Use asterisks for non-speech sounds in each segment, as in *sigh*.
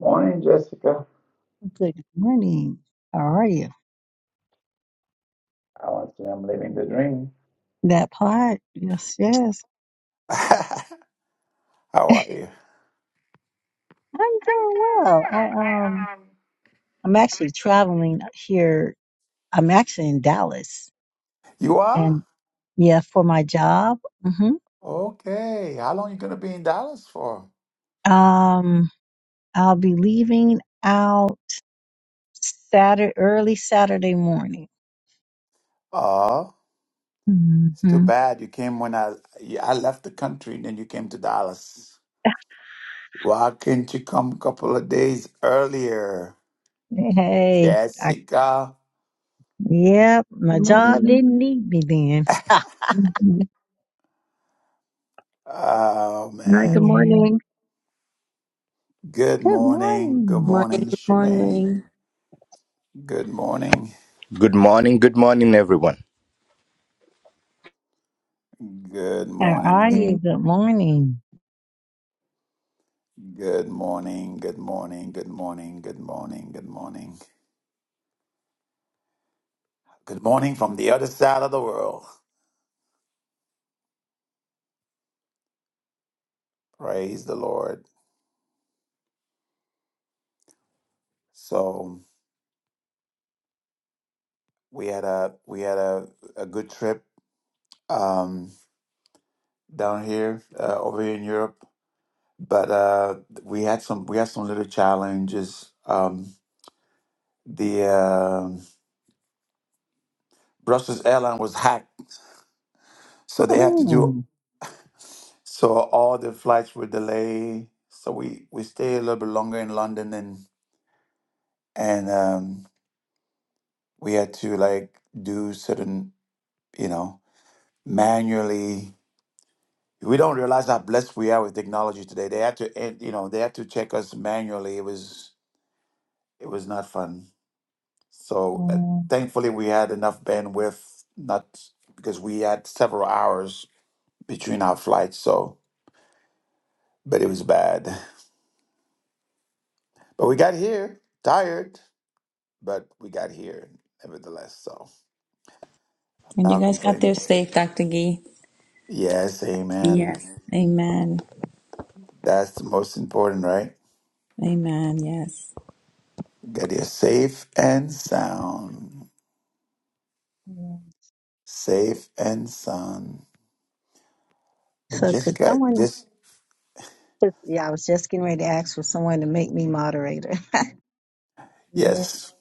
Morning, Jessica. Good morning. How are you? I want to say I'm living the dream. That part? Yes, yes. *laughs* How are you? I'm I'm doing doing well. I well. um I um I'm actually traveling here. I'm actually in Dallas You are? and yeah, for my job. hmm Okay. How long you gonna be in Dallas for? Um I'll be leaving out Saturday early Saturday morning. Oh, it's too hmm bad you came when I yeah, I left the country then you came to Dallas. Why couldn't you come a couple of days earlier? Hey, I Jessica. yep, my Good job morning. didn't need me then. Mhm. Oh Hi, man. good Yeah. morning. Good Good morning. Good morning. Morning, morning, good Shemaine. morning. Good morning. Good morning, good morning, everyone. Good How are morning. you? Good morning. Good morning, good morning, good morning, good morning, good morning. Good morning from the other side of the world. Praise the Lord. So we had a we had a, a good trip um down here uh, over here in Europe. But uh we had some we had some little challenges. Um the uh, Brussels airline was hacked, so they have to Hmm. do *laughs* so all the flights were delayed. So we we stayed a little bit longer in London and um, we had to like do certain, you know, manually. We don't realize how blessed we are with technology today. They had to, eh, you know, they had to check us manually. It was it was not fun. So uh, Mm, thankfully, we had enough bandwidth, not because we had several hours between our flights. So, but it was bad. But we got here, tired, but we got here nevertheless. So I'm And you not guys got there complaining. safe, Dr. Gee. Yes, amen. Yes. Amen. That's the most important, right? Amen. Yes. That you're safe and sound. yeah. Safe and sound. But So could just got someone, just could- yeah, I was just getting ready to ask for someone to make me moderator. *laughs* Yeah. yes.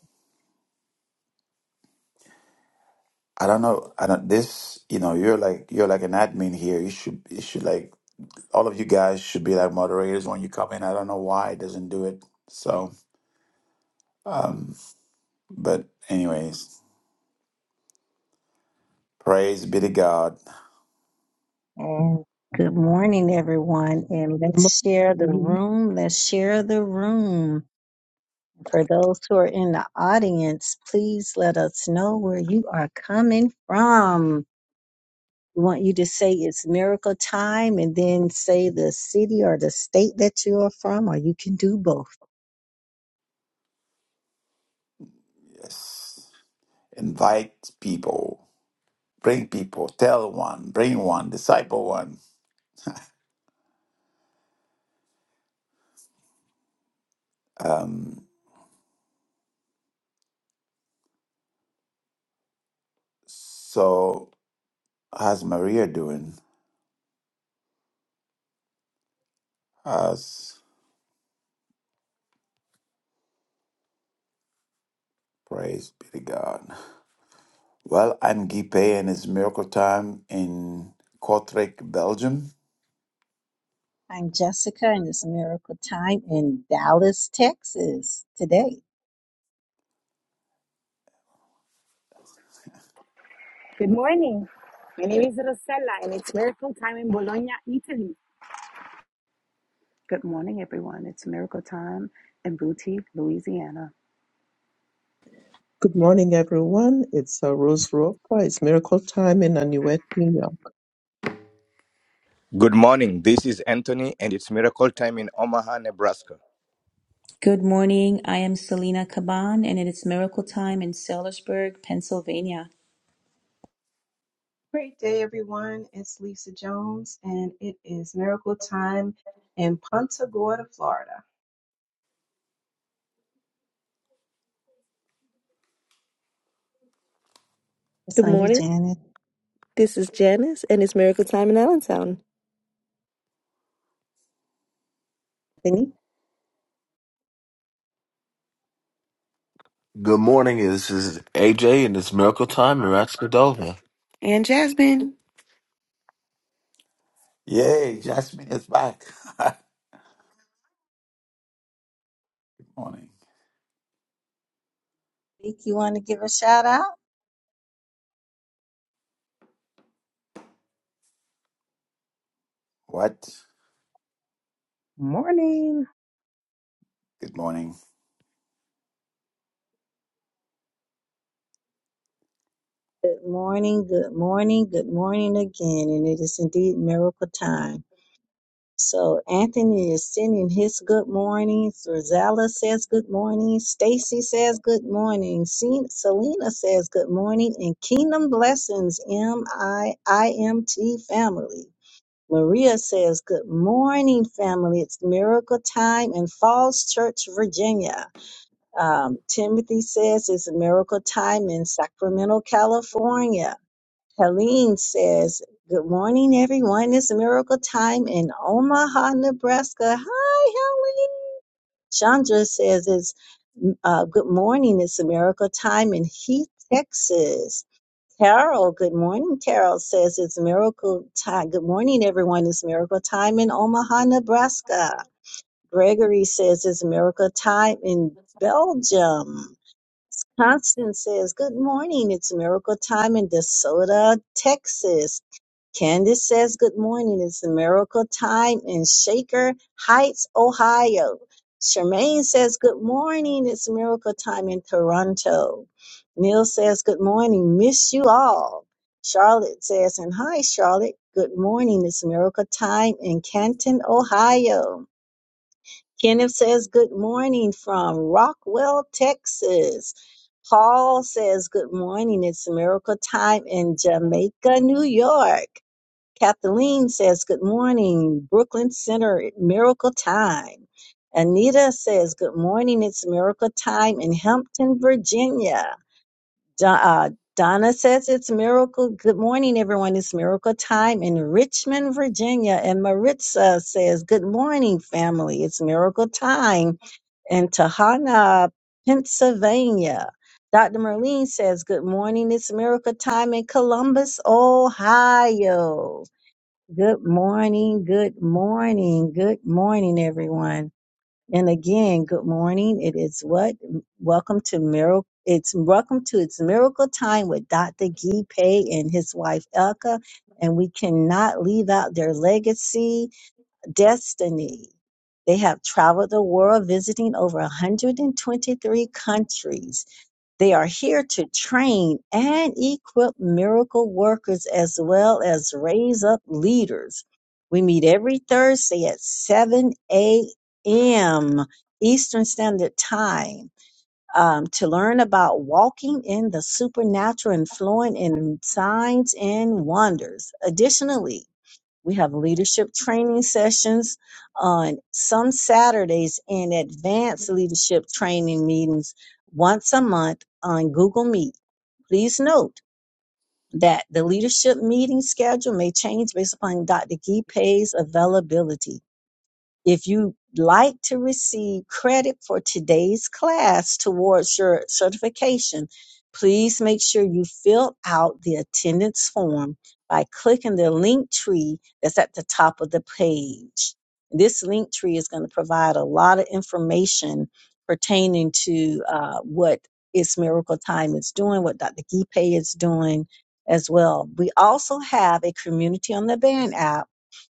I don't know. I don't this you know, you're like you're like an admin here. You should you should like all of you guys should be like moderators when you come in. I don't know why it doesn't do it. So um but anyways, praise be to God. And good morning, everyone. And Good let's share the morning, room. Let's share the room. For those who are in the audience, please let us know where you are coming from. We want you to say it's miracle time and then say the city or the state that you are from, or you can do both. Yes. Invite people. Bring people. Tell one. Bring one. Disciple one. Um So, how's Maria doing? Us, praise be to God. Well, I'm Guy Pay, and it's miracle time in Kortrijk, Belgium. I'm Jessica, and it's Miracle Time in Dallas, Texas today. Good morning. My name is Rosella, and it's miracle time in Bologna, Italy. Good morning, everyone. It's Miracle Time in Booty, Louisiana. Good morning, everyone. It's uh, Rose Ropa. It's miracle time in Anuet, New York. Good morning. This is Anthony, and it's miracle time in Omaha, Nebraska. Good morning. I am Selena Caban, and it is miracle time in Sellersburg, Pennsylvania. Great day, everyone. It's Lisa Jones, and it is miracle time in Punta Gorda, Florida. It's Good on you, morning. Janet. This is Janice, and it's Miracle Time in Allentown. Benny, Good morning. This is AJ, and it's Miracle Time, and Rex Yay, Jasmine is back. *laughs* morning. you want to give a shout out? What? Morning. Good morning. Good morning, good morning, good morning again, and it is indeed Miracle Time. So Anthony is sending his good mornings. Rosella says good morning. Stacy says good morning. Se- Selena says good morning, and Kingdom Blessings M I I M T family. Maria says, Good morning, family. It's miracle time in Falls Church, Virginia. Um, Timothy says, It's miracle time in Sacramento, California. Helene says, Good morning, everyone. It's miracle time in Omaha, Nebraska. Hi, Helene. Chandra says, It's uh, good morning. It's miracle time in Heath, Texas. Carol, good morning. Carol says it's miracle time. Good morning, everyone. It's miracle time in Omaha, Nebraska. Gregory says it's miracle time in Belgium. Constance says, Good morning. It's miracle time in DeSoto, Texas. Candace says, Good morning. It's a miracle time in Shaker Heights, Ohio. Charmaine says, Good morning. It's a miracle time in Toronto. Neil says, Good morning. Miss you all. Charlotte says, And hi, Charlotte. Good morning. It's a miracle time in Canton, Ohio. Kenneth says, Good morning from Rockwell, Texas. Paul says, Good morning. It's a miracle time in Jamaica, New York. Kathleen says, Good morning, Brooklyn Center, miracle time. Anita says, Good morning, it's miracle time in Hampton, Virginia. Do- uh, Donna says, It's miracle. Good morning, everyone, it's miracle time in Richmond, Virginia. And Maritza says, Good morning, family, it's miracle time in Tahana, Pennsylvania. Dr. Merlene says, Good morning, it's miracle time in Columbus, Ohio. Good morning, good morning, good morning, everyone. And again, good morning. It is what? Welcome to Miracle. It's welcome to It's Miracle Time with Dr. Guy Pay and his wife Elka. And we cannot leave out their legacy, destiny. They have traveled the world visiting over 123 countries they are here to train and equip miracle workers as well as raise up leaders. We meet every Thursday at 7 a.m. Eastern Standard Time um, to learn about walking in the supernatural and flowing in signs and wonders. Additionally, we have leadership training sessions on some Saturdays and advanced leadership training meetings once a month on Google Meet. Please note that the leadership meeting schedule may change based upon Dr. Gee Pay's availability. If you like to receive credit for today's class towards your certification, please make sure you fill out the attendance form by clicking the link tree that's at the top of the page. This link tree is going to provide a lot of information pertaining to uh, what It's Miracle Time is doing, what Dr. Gipe is doing as well. We also have a community on the Band app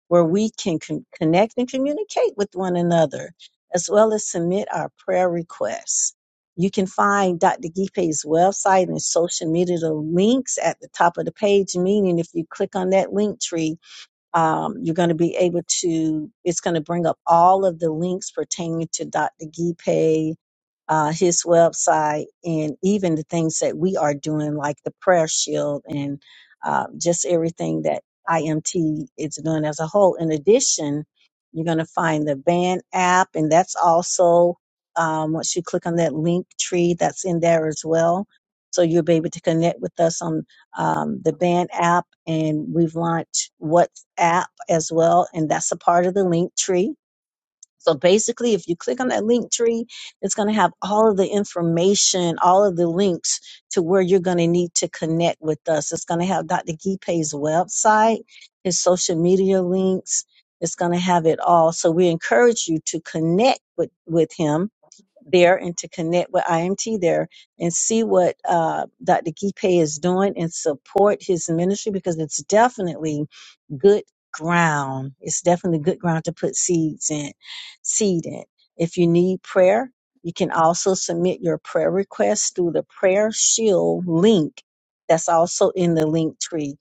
where we can con- connect and communicate with one another, as well as submit our prayer requests. You can find Dr. Gipe's website and social media links at the top of the page, meaning if you click on that link tree, um, you're going to be able to, it's going to bring up all of the links pertaining to Dr. Gipe, uh, his website and even the things that we are doing, like the prayer shield and uh, just everything that IMT is doing as a whole. In addition, you're going to find the band app, and that's also um, once you click on that link tree, that's in there as well. So you'll be able to connect with us on um, the band app, and we've launched WhatsApp as well, and that's a part of the link tree so basically, if you click on that link tree, it's going to have all of the information, all of the links to where you're going to need to connect with us. It's going to have Dr. Gipe's website, his social media links. It's going to have it all. So we encourage you to connect with, with him there and to connect with IMT there and see what uh, Dr. Gipe is doing and support his ministry because it's definitely good ground. It's definitely good ground to put seeds in, seed in. If you need prayer, you can also submit your prayer request through the prayer shield link that's also in the link tree.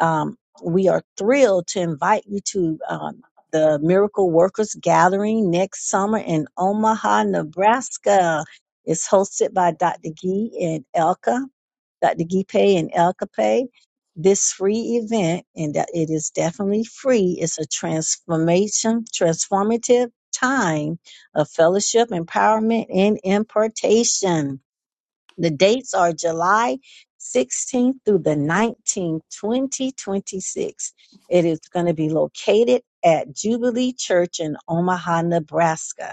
Um, we are thrilled to invite you to um, the Miracle Workers Gathering next summer in Omaha, Nebraska. It's hosted by Dr. Gee and Elka, Dr. Gipe and Elka Pei. This free event, and that it is definitely free, is a transformation, transformative time of fellowship, empowerment, and impartation. The dates are July 16th through the 19th, 2026. It is going to be located at Jubilee Church in Omaha, Nebraska.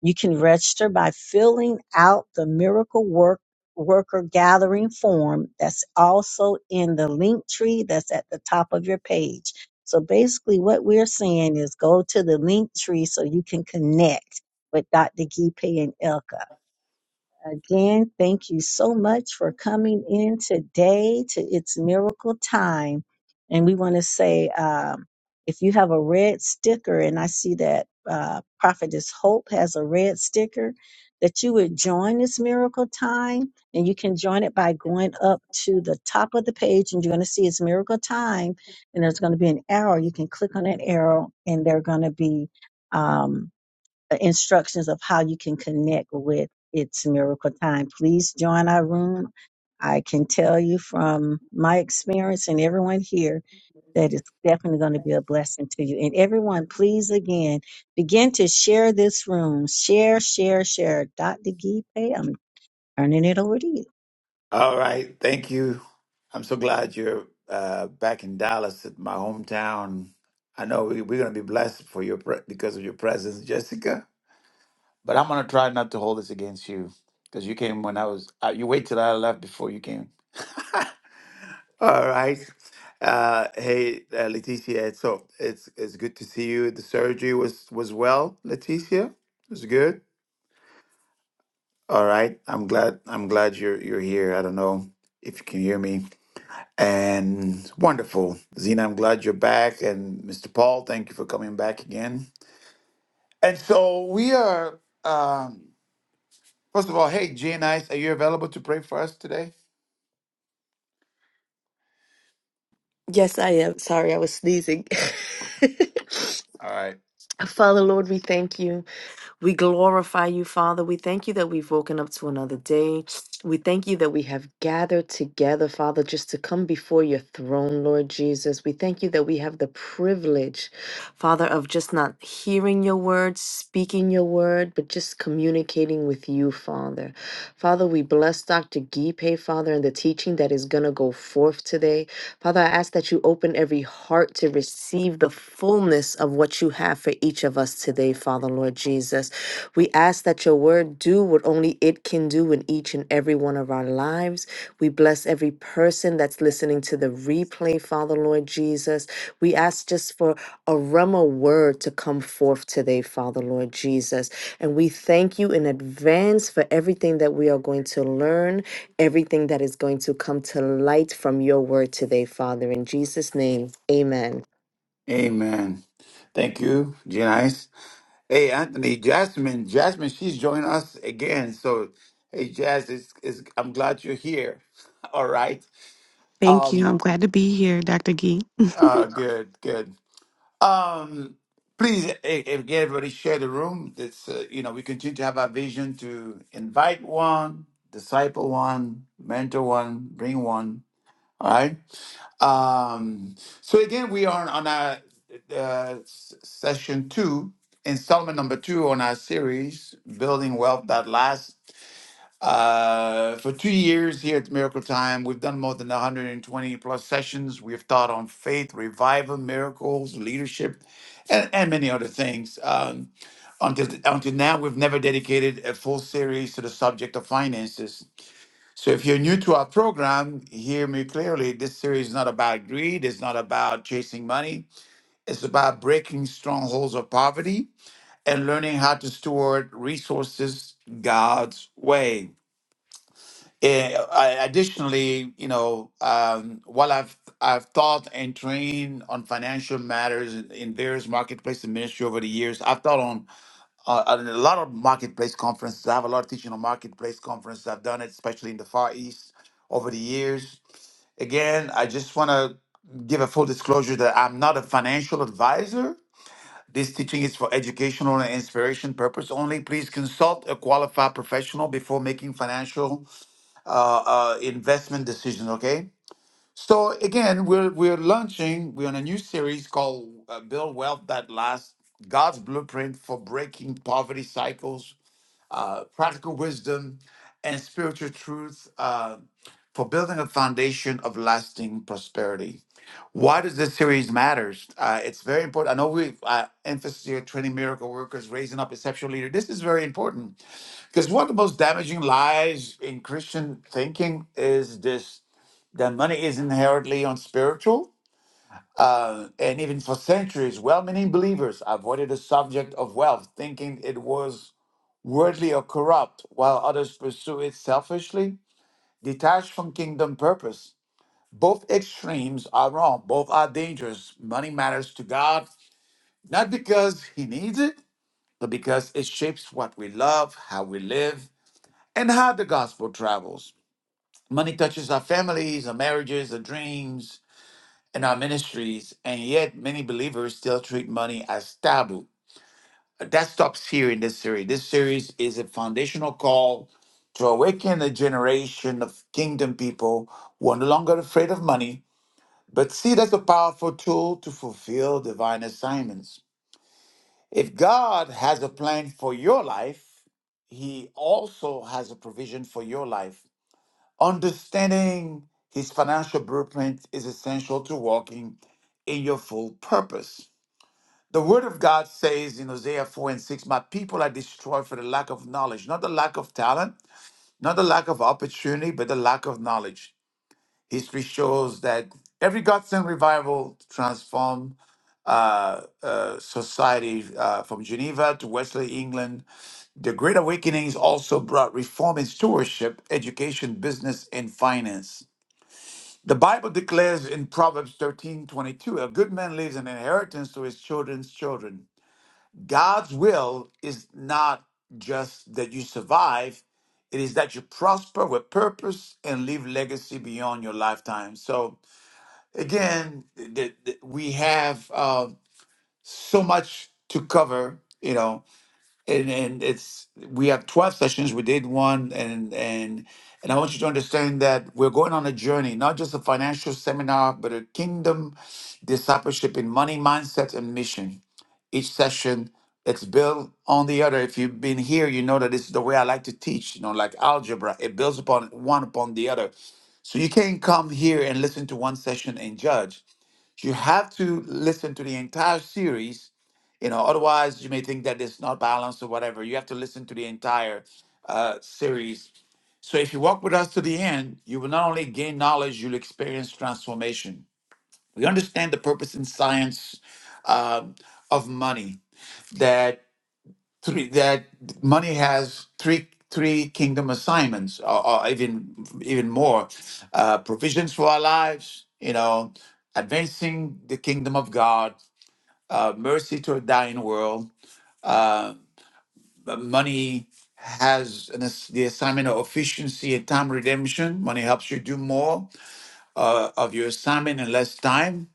You can register by filling out the miracle work worker gathering form that's also in the link tree that's at the top of your page. So basically what we're saying is go to the link tree so you can connect with Dr. Gipe and Elka. Again, thank you so much for coming in today to It's Miracle Time. And we want to say um, if you have a red sticker, and I see that uh, Prophetess Hope has a red sticker, that you would join this Miracle Time. And you can join it by going up to the top of the page, and you're going to see It's Miracle Time. And there's going to be an arrow. You can click on that arrow, and they're going to be. Um, uh, instructions of how you can connect with It's Miracle Time. Please join our room. I can tell you from my experience and everyone here that it's definitely going to be a blessing to you. And everyone, please again begin to share this room. Share, share, share. Dr. Gipe, I'm turning it over to you. All right, thank you. I'm so glad you're uh, back in Dallas, at my hometown. I know we, we're going to be blessed for your pre- because of your presence, Jessica. But I'm gonna try not to hold this against you because you came when I was. Uh, you wait till I left before you came. *laughs* All right. Uh, hey, uh, Leticia. So it's it's good to see you. The surgery was was well, Leticia. It was good. All right. I'm glad. I'm glad you're you're here. I don't know if you can hear me. And wonderful, Zena. I'm glad you're back. And Mr. Paul, thank you for coming back again. And so we are. Um, First of all, hey, Janice, are you available to pray for us today? Yes, I am. Sorry, I was sneezing. *laughs* All right. Father, Lord, we thank you. We glorify you, Father. We thank you that we've woken up to another day. We thank you that we have gathered together, Father, just to come before your throne, Lord Jesus. We thank you that we have the privilege, Father, of just not hearing your word, speaking your word, but just communicating with you, Father. Father, we bless Dr. Gipe, Father, and the teaching that is going to go forth today. Father, I ask that you open every heart to receive the fullness of what you have for each of us today, Father, Lord Jesus. We ask that your word do what only it can do in each and every one of our lives. We bless every person that's listening to the replay, Father, Lord Jesus. We ask just for a Rema word to come forth today, Father, Lord Jesus. And we thank you in advance for everything that we are going to learn everything that is going to come to light from your word today, Father. In Jesus' name, amen. Amen. Thank you, Janice. Hey, Anthony, Jasmine, Jasmine, she's joining us again. So, hey, Jazz, it's, it's, I'm glad you're here. *laughs* All right. Um. Uh. Good. Good. Um. Please, eh, eh, get everybody share the room. That's uh, you know we continue to have our vision to invite one, disciple one, mentor one, bring one. All right. Um, so again, we are on our uh, s- session two, installment number two on our series, Building Wealth That Lasts. Uh, for two years here at Miracle Time, we've done more than 120 plus sessions. We've taught on faith, revival, miracles, leadership, and, and many other things. Um, until, until now, we've never dedicated a full series to the subject of finances. So if you're new to our program, hear me clearly. This series is not about greed, it's not about chasing money. It's about breaking strongholds of poverty and learning how to steward resources God's way. Eh, I- additionally, you know, um, while I've I've taught and trained on financial matters in various marketplace and ministry over the years, I've taught on uh, and a lot of marketplace conferences. I have a lot of teaching on marketplace conferences. I've done it, especially in the Far East, over the years. Again, I just want to give a full disclosure that I'm not a financial advisor. This teaching is for educational and inspiration purpose only. Please consult a qualified professional before making financial uh, uh, investment decisions. Okay. So again, we're we're launching. We're on a new series called uh, "Build Wealth That Lasts: God's Blueprint for Breaking Poverty Cycles uh, practical wisdom, and spiritual truth uh, for building a foundation of lasting prosperity. Why does this series matters? Uh, it's very important. I know we uh, emphasis here training miracle workers, raising up exceptional leaders. This is very important because one of the most damaging lies in Christian thinking is this: that money is inherently unspiritual. Uh, and even for centuries, well-meaning believers avoided the subject of wealth, thinking it was worldly or corrupt, while others pursue it selfishly, detached from kingdom purpose. Both extremes are wrong. Both are dangerous. Money matters to God, not because He needs it, but because it shapes what we love, how we live, and how the gospel travels. Money touches our families, our marriages, our dreams, and our ministries, and yet many believers still treat money as taboo that stops here in this series. This series is a foundational call to awaken a generation of kingdom people who are no longer afraid of money, but see it as a powerful tool to fulfill divine assignments. If God has a plan for your life, He also has a provision for your life. Understanding His financial blueprint is essential to walking in your full purpose. The word of God says in Hosea 4 and 6, My people are destroyed for the lack of knowledge, not the lack of talent, not the lack of opportunity, but the lack of knowledge. History shows that every godsend revival transformed uh, uh, society uh, from Geneva to Wesley, England. The Great Awakenings also brought reform in stewardship, education, business, and finance. The Bible declares in Proverbs 13 22, a good man leaves an inheritance to his children's children. God's will is not just that you survive, it is that you prosper with purpose and leave legacy beyond your lifetime. So, again, th- th- we have uh, so much to cover, you know, and, and it's we have 12 sessions. We did one, and, and, and I want you to understand that we're going on a journey, not just a financial seminar, but a kingdom discipleship in money mindset and mission each session it's built on the other if you've been here you know that this is the way i like to teach you know like algebra it builds upon one upon the other so you can't come here and listen to one session and judge you have to listen to the entire series you know otherwise you may think that it's not balanced or whatever you have to listen to the entire uh, series so if you walk with us to the end you will not only gain knowledge you'll experience transformation we understand the purpose in science um, of money that three that money has three three kingdom assignments or, or even even more uh, provisions for our lives you know advancing the kingdom of god uh, mercy to a dying world uh, money has an, ass- the assignment of efficiency and time redemption money helps you do more uh, of your assignment in less time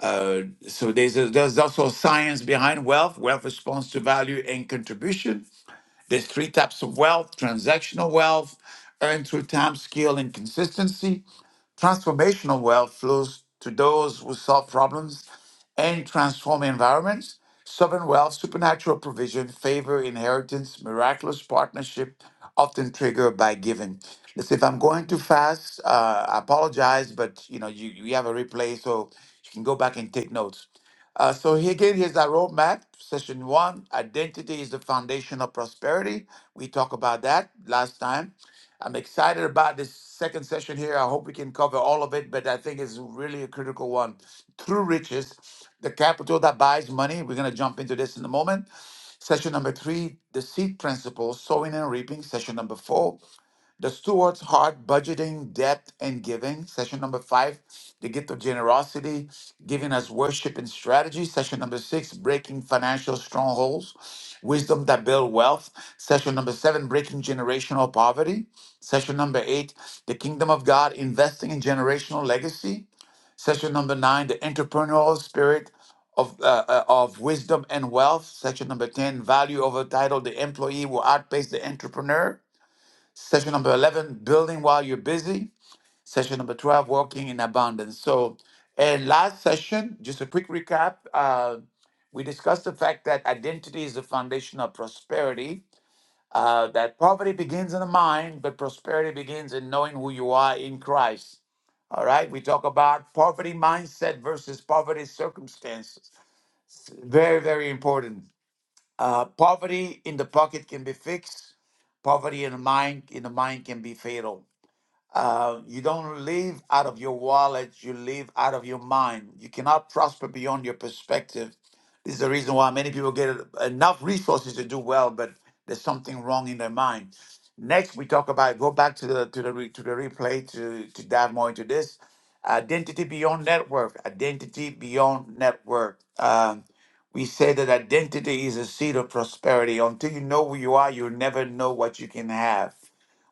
uh, so there's a, there's also science behind wealth. Wealth responds to value and contribution. There's three types of wealth transactional wealth, earned through time, skill, and consistency Transformational wealth flows to those who solve problems and transform environments. Sovereign wealth, supernatural provision, favor, inheritance, miraculous partnership, often triggered by giving. Listen, if I'm going too fast, uh, I apologize, but you know you, you have a replay, so you can go back and take notes. Uh, so here again, here's our roadmap. Session one: Identity is the foundation of prosperity. We talked about that last time. I'm excited about this second session here. I hope we can cover all of it, but I think it's really a critical one. True riches, the capital that buys money. We're going to jump into this in a moment. Session number three, the seed principle, sowing and reaping. Session number four, the Steward's Heart Budgeting, Debt, and Giving, session number five, The Gift of Generosity, Giving as Worship and Strategy, session number six, Breaking Financial Strongholds, Wisdom that Build Wealth, session number seven, Breaking Generational Poverty, session number eight, The Kingdom of God, Investing in Generational Legacy, session number nine, The Entrepreneurial Spirit, of, uh, uh, of wisdom and wealth, Session number 10, value over title, the employee will outpace the entrepreneur, Session number 11, building while you're busy. Session number 12, walking in abundance. So, and last session, just a quick recap, uh, we discussed the fact that identity is the foundation of prosperity, uh, that poverty begins in the mind, but prosperity begins in knowing who you are in Christ. All right, we talk about poverty mindset versus poverty circumstances. Very, very important. Uh, poverty in the pocket can be fixed. Poverty in the mind in the mind can be fatal. Uh, you don't live out of your wallet, you live out of your mind. You cannot prosper beyond your perspective. This is the reason why many people get enough resources to do well, but there's something wrong in their mind. Next, we talk about go back to the to the re, to the replay to to dive more into this identity beyond network. Identity beyond network. Um, we say that identity is a seed of prosperity. Until you know who you are, you'll never know what you can have.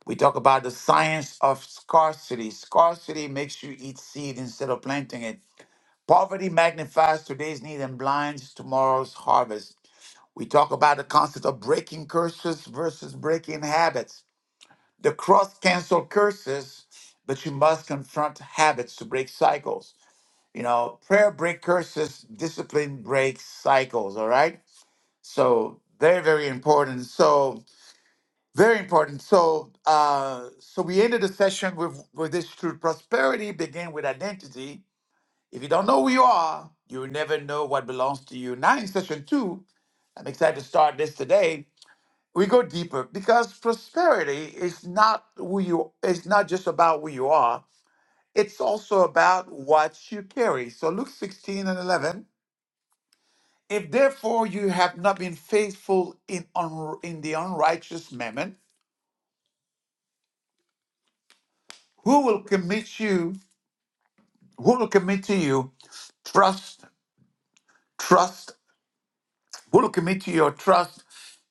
We talk about the science of scarcity. Scarcity makes you eat seed instead of planting it. Poverty magnifies today's need and blinds tomorrow's harvest. We talk about the concept of breaking curses versus breaking habits. The cross cancel curses, but you must confront habits to break cycles. You know, prayer break curses, discipline breaks cycles, all right? So, very, very important. So, very important. So, uh, so we ended the session with with this truth: prosperity begin with identity. If you don't know who you are, you will never know what belongs to you. Now, in session two, I'm excited to start this today. We go deeper because prosperity is not who you. It's not just about who you are. It's also about what you carry. So, Luke 16 and 11. If therefore you have not been faithful in un, in the unrighteous mammon, who will commit you? who will commit to you trust, trust, who will commit to your trust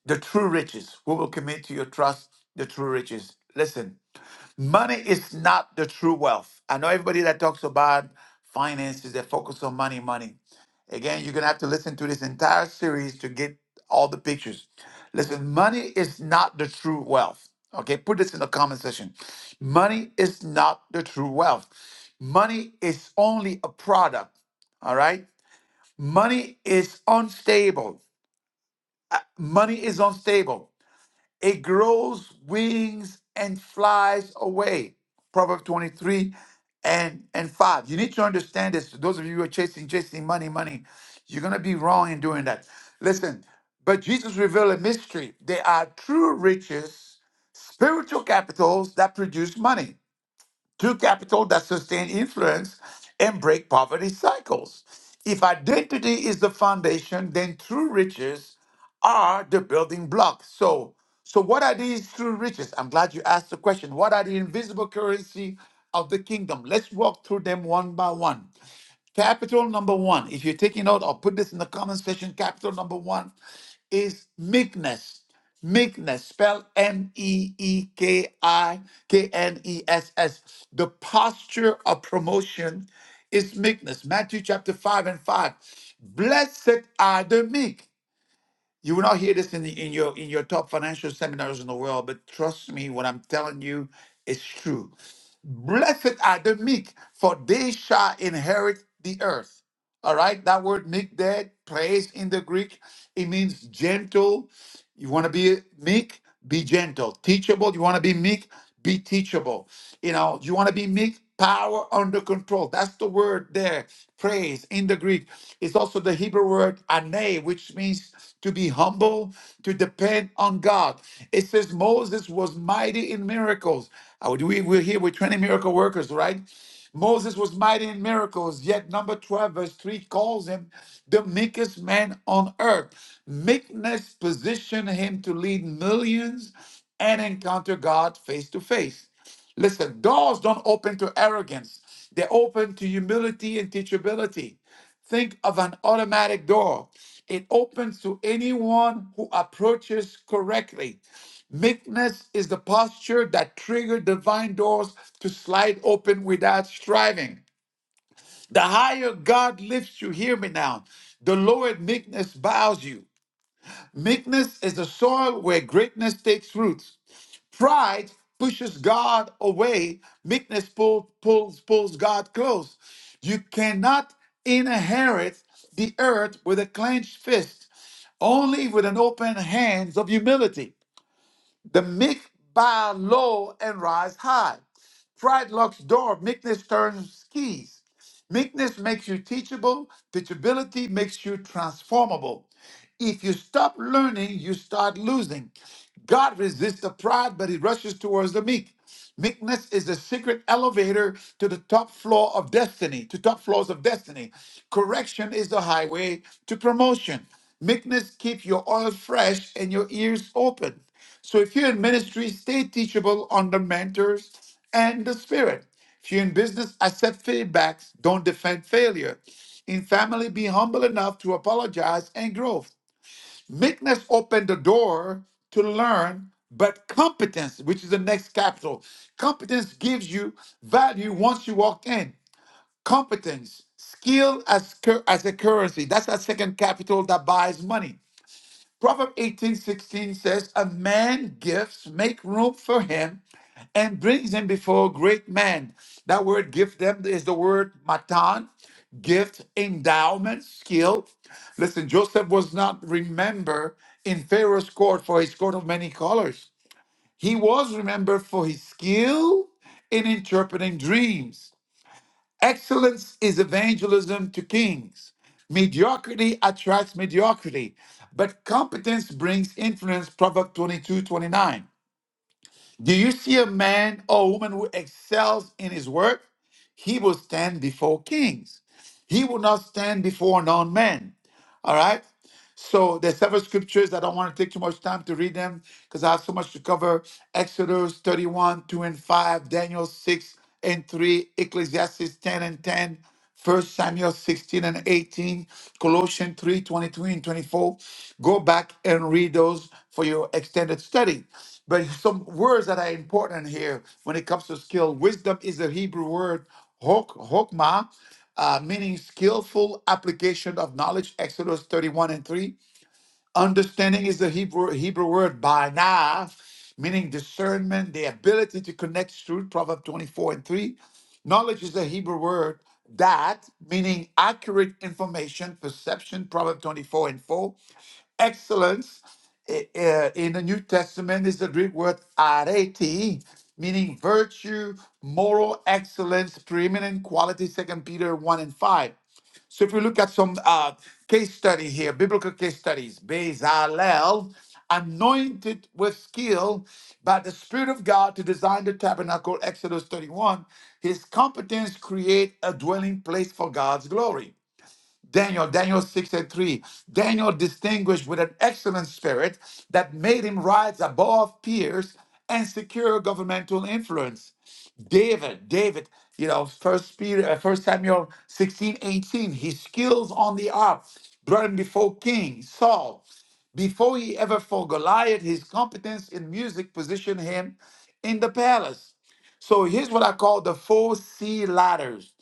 the true riches? Who will commit to your trust the true riches? Listen, Money is not the true wealth. I know everybody that talks about finances, they focus on money, money. Again, you're going to have to listen to this entire series to get all the pictures. Listen, money is not the true wealth. Okay, put this in the comment section. Money is not the true wealth. Money is only a product. All right? Money is unstable. Money is unstable. It grows wings and flies away. Proverbs 23 and, and 5. You need to understand this. Those of you who are chasing, chasing money, money, you're going to be wrong in doing that. Listen, but Jesus revealed a mystery. There are true riches, spiritual capitals that produce money through capital that sustain influence and break poverty cycles. If identity is the foundation, then true riches are the building blocks. So, so what are these true riches? I'm glad you asked the question. What are the invisible currency of the kingdom? Let's walk through them one by one. Capital number one, if you're taking note, I'll put this in the comment section, capital number one is meekness. Meekness, spell M E E K I K N E S S. The posture of promotion is meekness. Matthew chapter 5 and 5. Blessed are the meek. You will not hear this in, the, in your in your top financial seminars in the world, but trust me, what I'm telling you is true. Blessed are the meek, for they shall inherit the earth. All right, that word meek there, praise in the Greek, it means gentle, you want to be meek? Be gentle. Teachable? You want to be meek? Be teachable. You know, you want to be meek? Power under control. That's the word there. Praise in the Greek. It's also the Hebrew word ane, which means to be humble, to depend on God. It says Moses was mighty in miracles. Uh, We, we're here with 20 miracle workers, right? Moses was mighty in miracles, yet number 12, verse 3 calls him the meekest man on earth. Meekness positioned him to lead millions and encounter God face to face. Listen, doors don't open to arrogance, they open to humility and teachability. Think of an automatic door. It opens to anyone who approaches correctly. Meekness is the posture that triggers divine doors to slide open without striving. The higher God lifts you, hear me now, the lower meekness bows you. Meekness is the soil where greatness takes root. Pride pushes God away. Meekness pull, pulls pulls God close. You cannot inherit the earth with a clenched fist, only with an open hands of humility. The meek bow low and rise high. Pride locks door, meekness turns keys. Meekness makes you teachable, teachability makes you transformable. If you stop learning, you start losing. God resists the pride, but he rushes towards the meek. Meekness is the secret elevator to the top floor of destiny, to top floors of destiny. Correction is the highway to promotion. Meekness keeps your oil fresh and your ears open. So if you're in ministry, stay teachable under mentors and the spirit. If you're in business, accept feedbacks, don't defend failure. In family, be humble enough to apologize and grow. Meekness opened the door to learn, but competence, which is the next capital, competence gives you value once you walk in. Competence, skill as, cur- as a currency. That's that second capital that buys money. Proverb eighteen sixteen says, A man gives, make room for him, and brings him before great men. That word give them is the word matan, gift, endowment, skill. Listen, Joseph was not remembered in Pharaoh's court for his coat of many colors. He was remembered for his skill in interpreting dreams. Excellence is evangelism to kings. Mediocrity attracts mediocrity, but competence brings influence. Proverbs 22 29. Do you see a man or woman who excels in his work? He will stand before kings. He will not stand before non men. All right? So there's several scriptures. I don't want to take too much time to read them because I have so much to cover. Exodus 31, 2 and 5, Daniel 6 and 3, Ecclesiastes 10 and 10, 1 Samuel 16 and 18, Colossians 3:22 and 24. Go back and read those for your extended study. But some words that are important here when it comes to skill. Wisdom is a Hebrew word, hok, hokmah, uh, meaning skillful application of knowledge, Exodus 31 and 3. Understanding is the Hebrew, Hebrew word bana, meaning discernment, the ability to connect truth, Proverbs 24 and 3. Knowledge is the Hebrew word dat, meaning accurate information, perception, Proverbs 24 and 4. Excellence i- i- in the New Testament is the Greek word arete, meaning virtue, moral excellence, preeminent quality, Second Peter 1 and 5. So if we look at some uh, case study here, biblical case studies, Bezalel, anointed with skill by the Spirit of God to design the tabernacle, Exodus 31, his competence create a dwelling place for God's glory. Daniel, Daniel 6 and 3. Daniel distinguished with an excellent spirit that made him rise above peers and secure governmental influence. David, David, you know, first Peter, uh, first Samuel 16, 18. his skills on the ark brought him before King Saul. Before he ever fought Goliath, his competence in music positioned him in the palace. So here's what I call the four C ladders.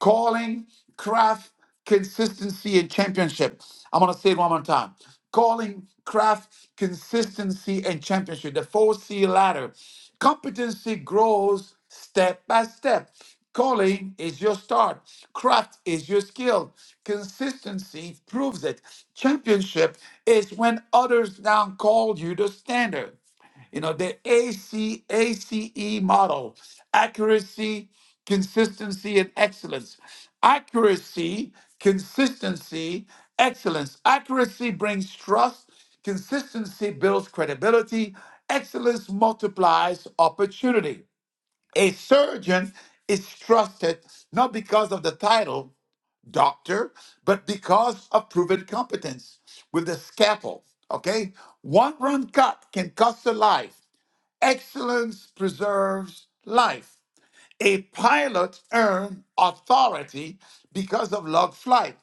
Calling, craft, consistency, and championship. I'm going to say it one more time. Calling, craft, consistency, and championship. The 4C ladder. Competency grows step by step. Calling is your start. Craft is your skill. Consistency proves it. Championship is when others now call you the standard. You know, the AC, ACE model accuracy, consistency, and excellence. Accuracy, consistency, excellence. Accuracy brings trust, consistency builds credibility, excellence multiplies opportunity. A surgeon is trusted not because of the title, doctor, but because of proven competence with the scalpel. Okay? One run cut can cost a life. Excellence preserves life. A pilot earned authority because of log flight,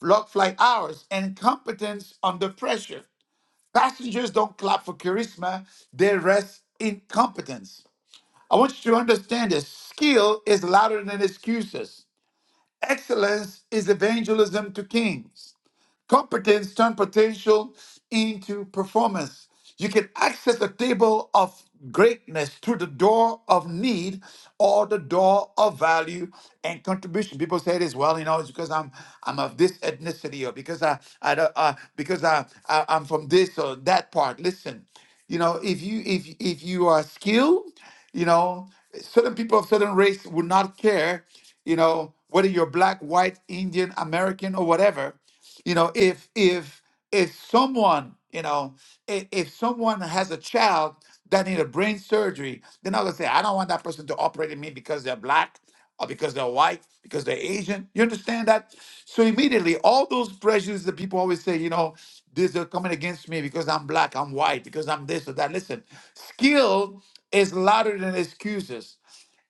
log flight hours, and competence under pressure. Passengers don't clap for charisma, they rest in competence. I want you to understand this skill is louder than excuses. Excellence is evangelism to kings. Competence turns potential into performance. You can access the table of greatness through the door of need or the door of value and contribution. People say this, well, you know, it's because I'm I'm of this ethnicity or because I I don't- uh, because I, I I'm from this or that part. Listen, you know, if you if if you are skilled, you know, certain people of certain race would not care, you know, whether you're black, white, Indian, American, or whatever you know if if if someone you know if, if someone has a child that need a brain surgery they're not gonna say i don't want that person to operate on me because they're black or because they're white because they're asian you understand that so immediately all those pressures that people always say you know these are coming against me because i'm black i'm white because i'm this or that listen skill is louder than excuses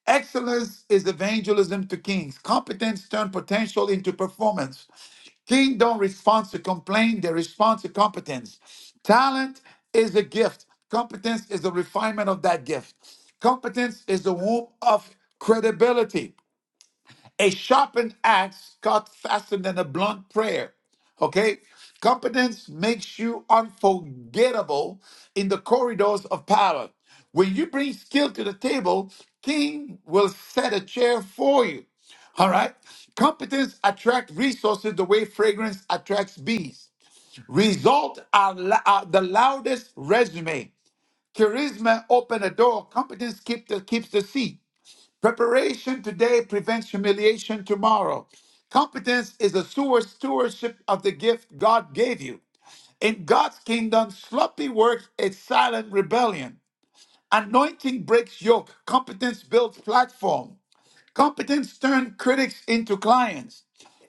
Excellence is evangelism to kings. Competence turns potential into performance. King don't respond to complain, they respond to competence. Talent is a gift. Competence is the refinement of that gift. Competence is the womb of credibility. A sharpened axe cut faster than a blunt prayer. Okay? Competence makes you unforgettable in the corridors of power. When you bring skill to the table, king will set a chair for you. All right? Competence attracts resources the way fragrance attracts bees. Result are, la- are the loudest resume. Charisma open a door. Competence keep the, keeps the seat. Preparation today prevents humiliation tomorrow. Competence is a sewer stewardship of the gift God gave you. In God's kingdom, sloppy work is silent rebellion. Anointing breaks yoke. Competence builds platform. Competence turns critics into clients.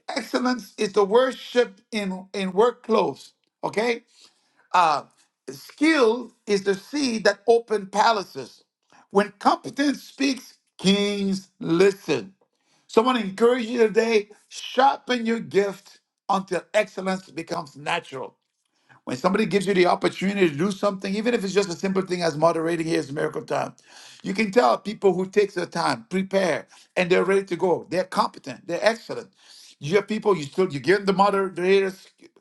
Excellence is the worship in, in work clothes. Okay? Uh, skill is the seed that open palaces. When competence speaks, kings listen. So I want to encourage you today sharpen your gift until excellence becomes natural. When somebody gives you the opportunity to do something, even if it's just a simple thing as moderating here's miracle time, you can tell people who takes their time, prepare, and they're ready to go. They're competent. They're excellent. You have people you still you give them the moderator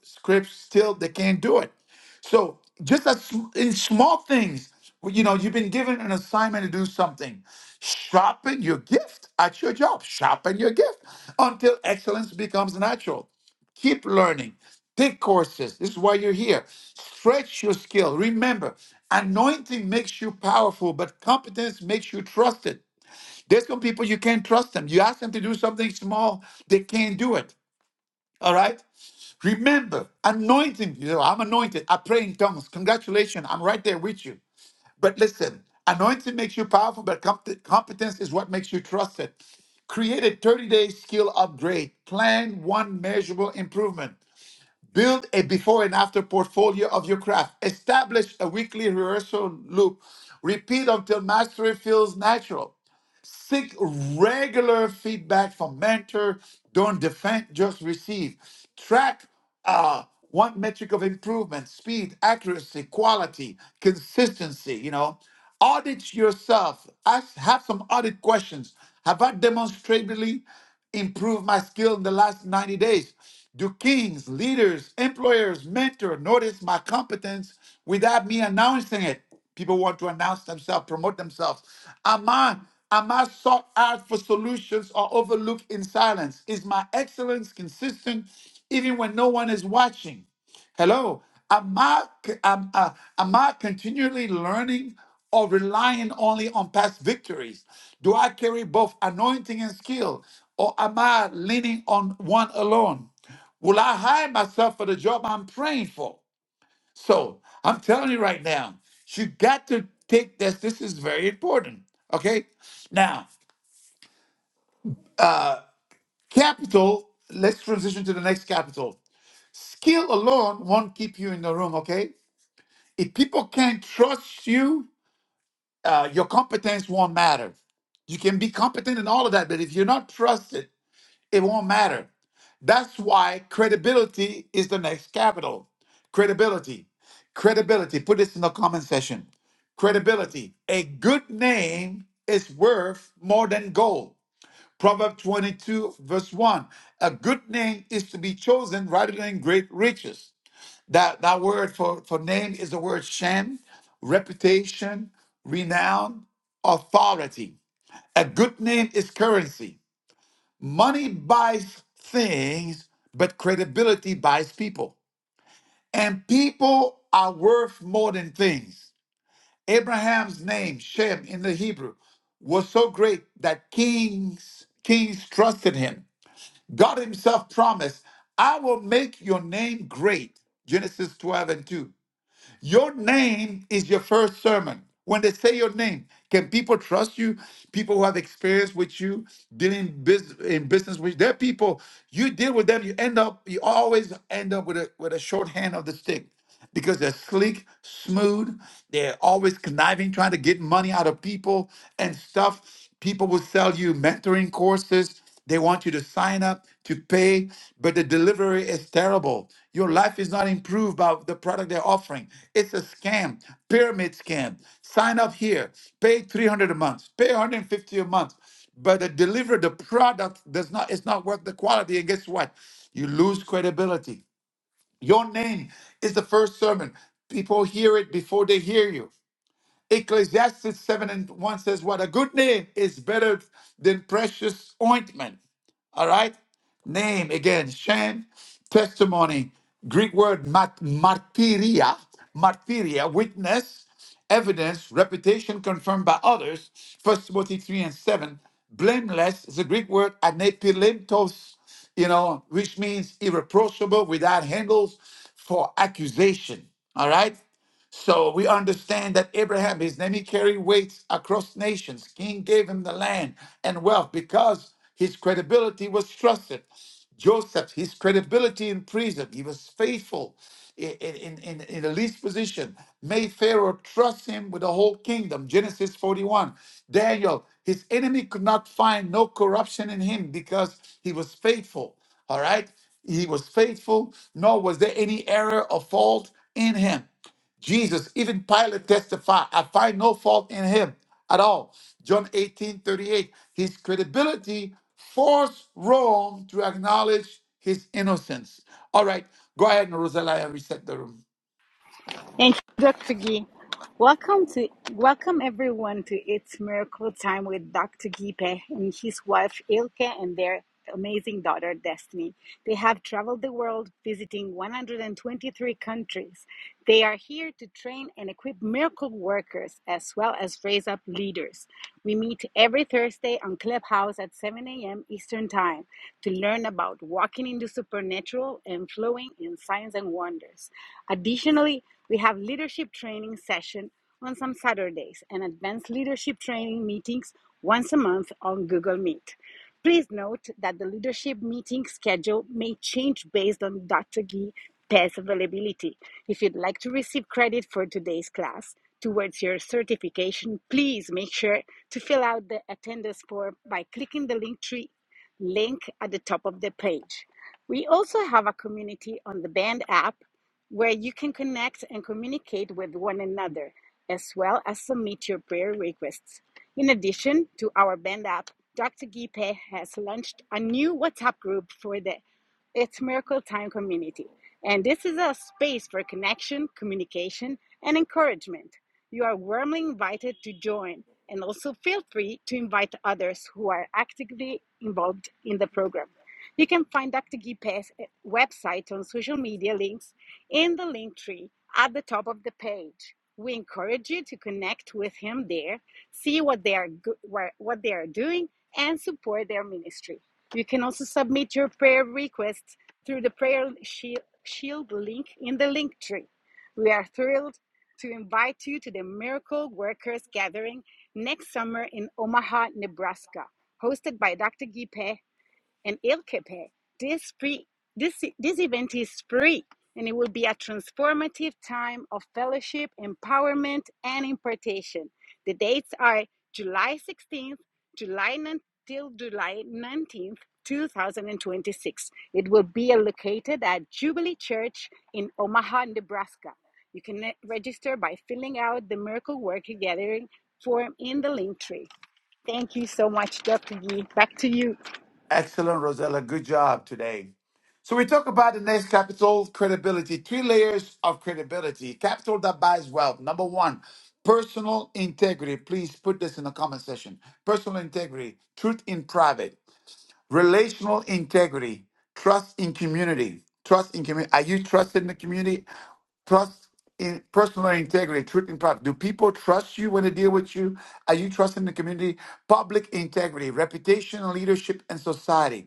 scripts, still they can't do it. So just as sm- in small things, well, you know, you've been given an assignment to do something. Sharpen your gift at your job. Sharpen your gift until excellence becomes natural. Keep learning. Take courses. This is why you're here. Stretch your skill. Remember, anointing makes you powerful, but competence makes you trusted. There's some people you can't trust them. You ask them to do something small, they can't do it. All right? Remember, anointing, you know, I'm anointed. I pray in tongues. Congratulations, I'm right there with you. But listen, anointing makes you powerful, but com- competence is what makes you trusted. Create a 30 day skill upgrade, plan one measurable improvement. Build a before and after portfolio of your craft. Establish a weekly rehearsal loop. Repeat until mastery feels natural. Seek regular feedback from mentor. Don't defend, just receive. Track uh, one metric of improvement: speed, accuracy, quality, consistency. You know, audit yourself. Ask, have some audit questions. Have I demonstrably? improve my skill in the last 90 days? Do kings, leaders, employers, mentor notice my competence without me announcing it? People want to announce themselves, promote themselves. Am I am I sought out for solutions or overlooked in silence? Is my excellence consistent even when no one is watching? Hello. Am I, am, uh, am I continually learning or relying only on past victories? Do I carry both anointing and skill, or am I leaning on one alone? Will I hire myself for the job I'm praying for? So I'm telling you right now, you got to take this. This is very important. Okay. Now, uh, capital, let's transition to the next capital. Skill alone won't keep you in the room. Okay. if people can't trust you, uh, your competence won't matter. You can be competent in all of that, but if you're not trusted, it won't matter. That's why credibility is the next capital. Credibility. Credibility. Put this in the comment section. Credibility. A good name is worth more than gold. Proverb 22, verse 1. A good name is to be chosen rather than great riches. That that word for, for name is the word shen, reputation, renown, authority. A good name is currency. Money buys things, but credibility buys people. And people are worth more than things. Abraham's name, Shem in the Hebrew, was so great that kings kings trusted him. God himself promised, I will make your name great. Genesis 12 and 2. Your name is your first sermon. When they say your name, can people trust you? People who have experience with you, dealing bus- in business with their people, you deal with them, you end up, you always end up with a with a short hand of the stick because they're sleek, smooth, they're always conniving, trying to get money out of people and stuff. People will sell you mentoring courses. They want you to sign up to pay, but the delivery is terrible. Your life is not improved by the product they're offering. It's a scam, pyramid scam. Sign up here, pay 300 a month, pay 150 a month, but the deliver the product does not it's not worth the quality and guess what? You lose credibility. Your name is the first sermon. People hear it before they hear you. Ecclesiastes 7 and 1 says, What a good name is better than precious ointment. All right? Name again, shame, testimony, Greek word mat- martyria, martyria, witness, evidence, reputation confirmed by others. First Timothy 3 and 7. Blameless is the Greek word anepilintos, you know, which means irreproachable, without handles for accusation. All right? So we understand that Abraham, his name, he carried weights across nations. King gave him the land and wealth because his credibility was trusted. Joseph, his credibility in prison, he was faithful in, in, in, in the least position. May Pharaoh trust him with the whole kingdom. Genesis 41. Daniel, his enemy could not find no corruption in him because he was faithful. All right? He was faithful, nor was there any error or fault in him. Jesus, even Pilate testified, I find no fault in him at all. John 18:38. His credibility forced Rome to acknowledge his innocence. All right, go ahead, Rosella, and reset the room. Thank you, Dr. Gee. Welcome to welcome everyone to It's Miracle Time with Dr. Gipe and his wife Ilke and their amazing daughter Destiny. They have traveled the world visiting 123 countries. They are here to train and equip miracle workers as well as raise Rise Up Leaders. We meet every Thursday on Clubhouse at 7 a.m. Eastern Time to learn about walking into the supernatural and flowing in signs and wonders. Additionally, we have leadership training session on some Saturdays and advanced leadership training meetings once a month on Google Meet. Please note that the leadership meeting schedule may change based on Dr. Gee test availability. If you'd like to receive credit for today's class towards your certification, please make sure to fill out the attendance form by clicking the link link at the top of the page. We also have a community on the Band app where you can connect and communicate with one another as well as submit your prayer requests. In addition to our Band app, Dr. Gipe has launched a new WhatsApp group for the It's Miracle Time community. And this is a space for connection, communication, and encouragement. You are warmly invited to join and also feel free to invite others who are actively involved in the program. You can find Dr. Gipe's eh, website on social media links in the link tree at the top of the page. We encourage you to connect with him there see what they are what they are doing and support their ministry. You can also submit your prayer requests through the prayer shield, link in the link tree. We are thrilled to invite you to the Miracle Workers Gathering next summer in Omaha, Nebraska, hosted by Dr. Gipe and Ilkepe. This free this this event is free and it will be a transformative time of fellowship, empowerment, and impartation. The dates are July 16th, July 9th till July 19th, 2026. It will be located at Jubilee Church in Omaha, Nebraska. You can eh, register by filling out the Miracle Worker Gathering form in the link tree. Thank you so much, Dr. Gee. Back to you. Excellent, Rosella. Good job today. So we talk about the next capital credibility, three layers of credibility. Capital that buys wealth. Number one, personal integrity. Please put this in the comment section. Personal integrity, truth in private. relational integrity, trust in community, trust in community. Are you trusted in the community? Trust in personal integrity, truth and proper. Do people trust you when they deal with you? Are you trusting the community? Public integrity, reputation, leadership, and society.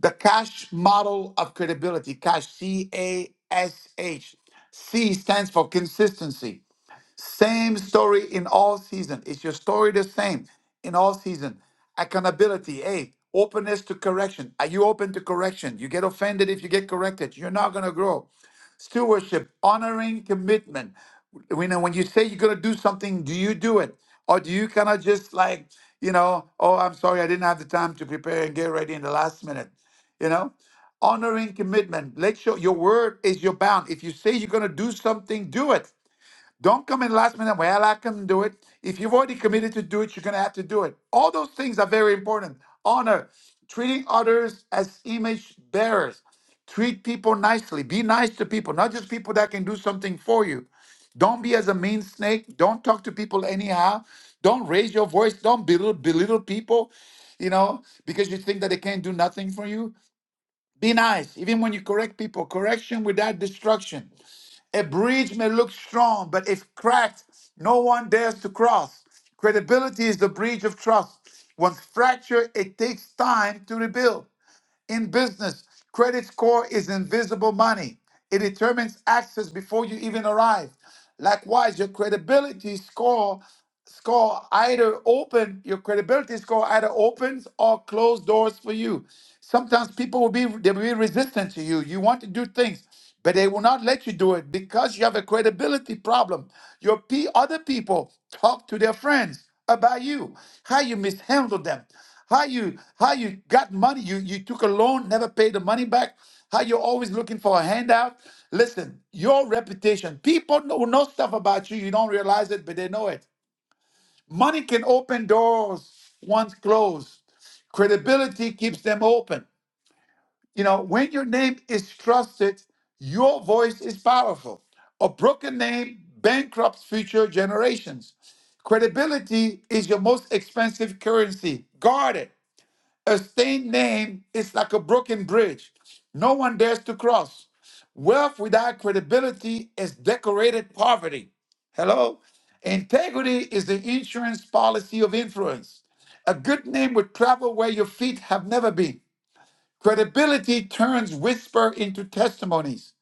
The cash model of credibility, cash C A S H. C stands for consistency. Same story in all season. Is your story the same in all season? Accountability, hey, openness to correction. Are you open to correction? You get offended if you get corrected. You're not gonna grow. Stewardship, honoring commitment. When when you say you're gonna do something, do you do it? Or do you kind of just like, you know, oh, I'm sorry, I didn't have the time to prepare and get ready in the last minute. You know? Honoring commitment. Let your your word is your bound. If you say you're gonna do something, do it. Don't come in last minute. Well, I can do it. If you've already committed to do it, you're going to have to do it. All those things are very important. Honor, treating others as image bearers, treat people nicely, be nice to people, not just people that can do something for you. Don't be as a mean snake. Don't talk to people anyhow. Don't raise your voice. Don't belittle, belittle people, you know, because you think that they can't do nothing for you. Be nice. Even when you correct people, correction without destruction. A bridge may look strong, but if cracked, no one dares to cross. Credibility is the bridge of trust. Once fractured, it takes time to rebuild. In business, credit score is invisible money. It determines access before you even arrive. Likewise, your credibility score score either open your credibility score either opens or close doors for you. Sometimes people will be they will be resistant to you. You want to do things, but they will not let you do it because you have a credibility problem. Your p other people talk to their friends about you how you mishandled them how you how you got money you you took a loan never paid the money back how you're always looking for a handout listen your reputation people know, know stuff about you you don't realize it but they know it money can open doors once closed credibility keeps them open you know, when your name is trusted, your voice is powerful. A broken name bankrupts future generations. Credibility is your most expensive currency. Guard it. A stained name is like a broken bridge. No one dares to cross. Wealth without credibility is decorated poverty. Hello? Integrity is the insurance policy of influence. A good name would travel where your feet have never been. Credibility turns whisper into testimonies.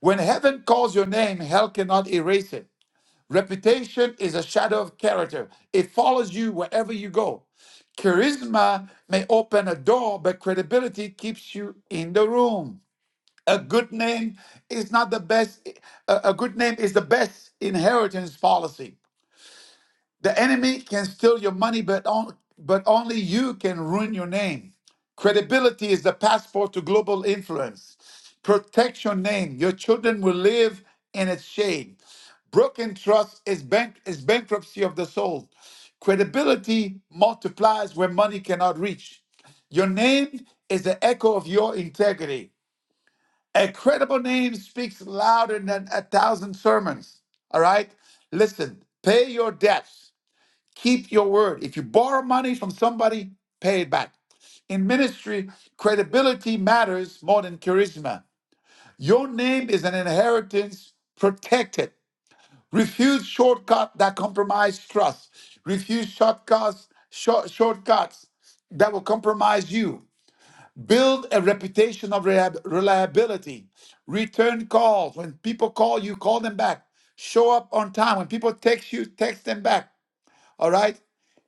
When heaven calls your name, hell cannot erase it. Reputation is a shadow of character, it follows you wherever you go. Charisma may open a door, but credibility keeps you in the room. A good name is not the best, a a good name is the best inheritance policy. The enemy can steal your money, but, on, but only you can ruin your name. Credibility is the passport to global influence. Protect your name. Your children will live in its shade. Broken trust is, bank, is bankruptcy of the soul. Credibility multiplies where money cannot reach. Your name is the echo of your integrity. A credible name speaks louder than a thousand sermons. All right? Listen, pay your debts Keep your word. If you borrow money from somebody, pay it back. In ministry, credibility matters more than charisma. Your name is an inheritance. Protect it. Refuse shortcuts that compromise trust. Refuse shortcuts, short, shortcuts that will compromise you. Build a reputation of rehab- reliability. Return calls. When people call you, call them back. Show up on time. When people text you, text them back. All right.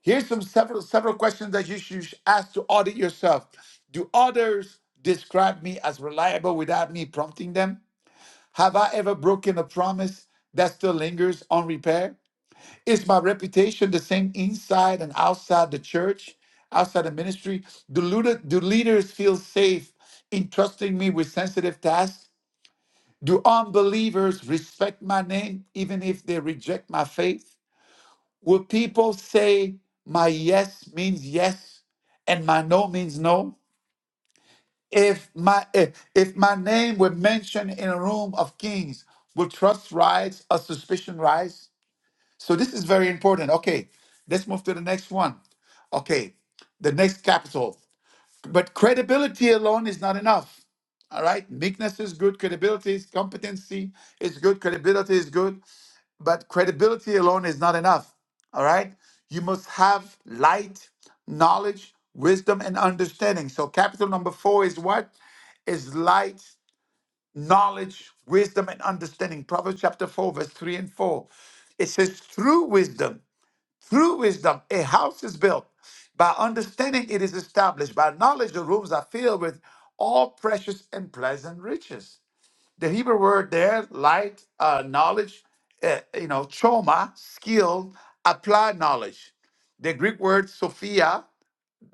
Here's some several several questions that you should ask to audit yourself. Do others describe me as reliable without me prompting them? Have I ever broken a promise that still lingers on repair? Is my reputation the same inside and outside the church, outside the ministry? Do, leader- do leaders feel safe in trusting me with sensitive tasks? Do unbelievers respect my name even if they reject my faith? Will people say my yes means yes and my no means no? If my if, if my name were mentioned in a room of kings, will trust rise or suspicion rise? So this is very important. Okay, let's move to the next one. Okay, the next capital. But credibility alone is not enough. All right. Meekness is good. Credibility is competency is good. Credibility is good. But credibility alone is not enough. All right. You must have light, knowledge, wisdom, and understanding. So, capital number four is what? Is light, knowledge, wisdom, and understanding. Proverbs chapter 4, verse 3 and 4. It says, through wisdom, through wisdom, a house is built. By understanding, it is established. By knowledge, the rooms are filled with all precious and pleasant riches. The Hebrew word there, light, uh, knowledge, uh, you know, trauma, skill, applied knowledge. The Greek word sophia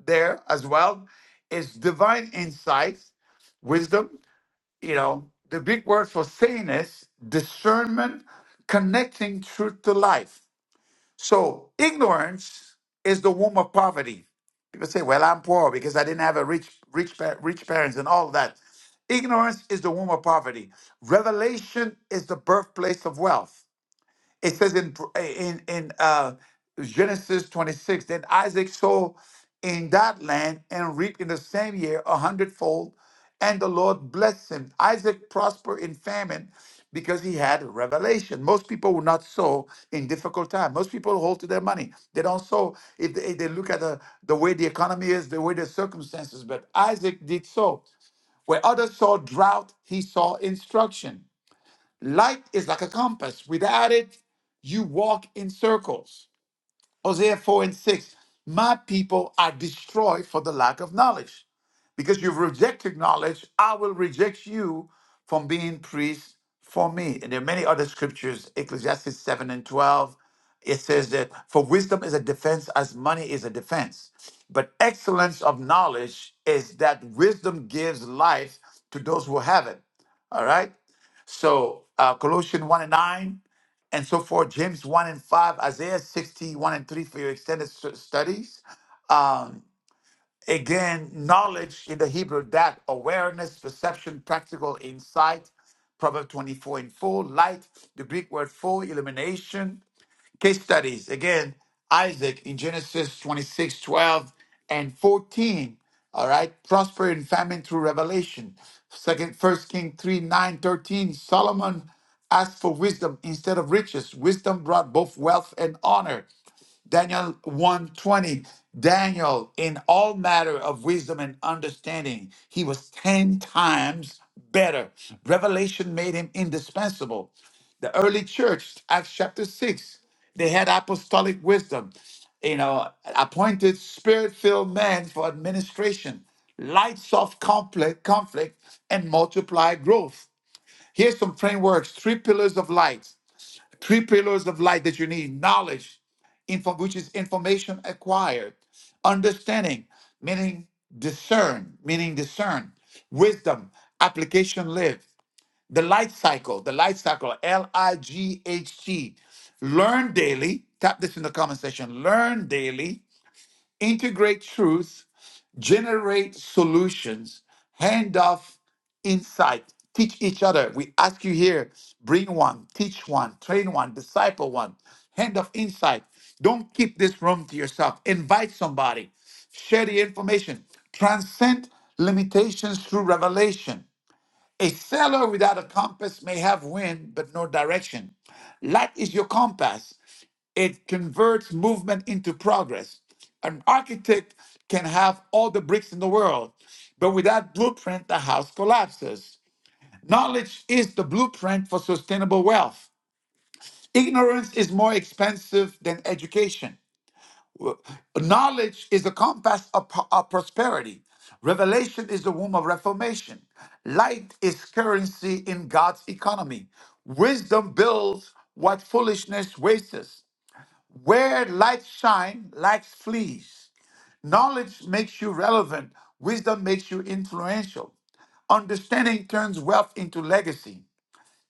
there as well is divine insight, wisdom. You know, the Greek word for saying discernment, connecting truth to life. So ignorance is the womb of poverty. People say, "Well, I'm poor because I didn't have a rich, rich, pa- rich parents and all that." Ignorance is the womb of poverty. Revelation is the birthplace of wealth. It says in in in uh, Genesis 26, then Isaac sowed in that land and reaped in the same year a hundredfold, and the Lord blessed him. Isaac prospered in famine because he had revelation. Most people will not sow in difficult time. Most people hold to their money. They don't sow if they, if they look at the, the way the economy is, the way the circumstances. But Isaac did sow. Where others saw drought, he saw instruction. Light is like a compass. Without it, you walk in circles. Hosea 4 and 6. My people are destroyed for the lack of knowledge. Because you've rejected knowledge, I will reject you from being priest for me. And there are many other scriptures, Ecclesiastes 7 and 12. It says that for wisdom is a defense as money is a defense. But excellence of knowledge is that wisdom gives life to those who have it. All right. So uh, Colossians 1 and 9 and so forth, James 1 and 5, Isaiah 61 and 3 for your extended stu- studies. Um, again, knowledge in the Hebrew, that awareness, perception, practical insight. Proverbs 24 and 4 light, the Greek word for illumination case studies. Again, Isaac in Genesis 26 12 and 14. All right. Prosper in famine through revelation. Second, First King 3, 9 13. Solomon asked for wisdom instead of riches. Wisdom brought both wealth and honor. Daniel 120, Daniel, in all matter of wisdom and understanding, he was 10 times better. Revelation made him indispensable. The early church, Acts chapter 6, they had apostolic wisdom, you know, appointed spirit filled men for administration, lights off conflict, conflict and multiply growth. Here's some frameworks three pillars of light three pillars of light that you need knowledge info, which is information acquired understanding meaning discern meaning discern wisdom application lived. the light cycle the light cycle l-i-g-h-t learn daily tap this in the comment section learn daily integrate truth generate solutions, hand off insight, teach each other. We ask you here bring one, teach one, train one, disciple one, hand of insight. Don't keep this room to yourself. Invite somebody, share the information, transcend limitations through revelation. A sailor without a compass may have wind but no direction. Light is your compass it converts movement into progress. An architect can have all the bricks in the world, but without blueprint, the house collapses. Knowledge is the blueprint for sustainable wealth. Ignorance is more expensive than education. Knowledge is the compass of, of prosperity. Revelation is the womb of reformation. Light is currency in God's economy. Wisdom builds what foolishness wastes. Where light shine, light flees. Knowledge makes you relevant. Wisdom makes you influential. Understanding turns wealth into legacy.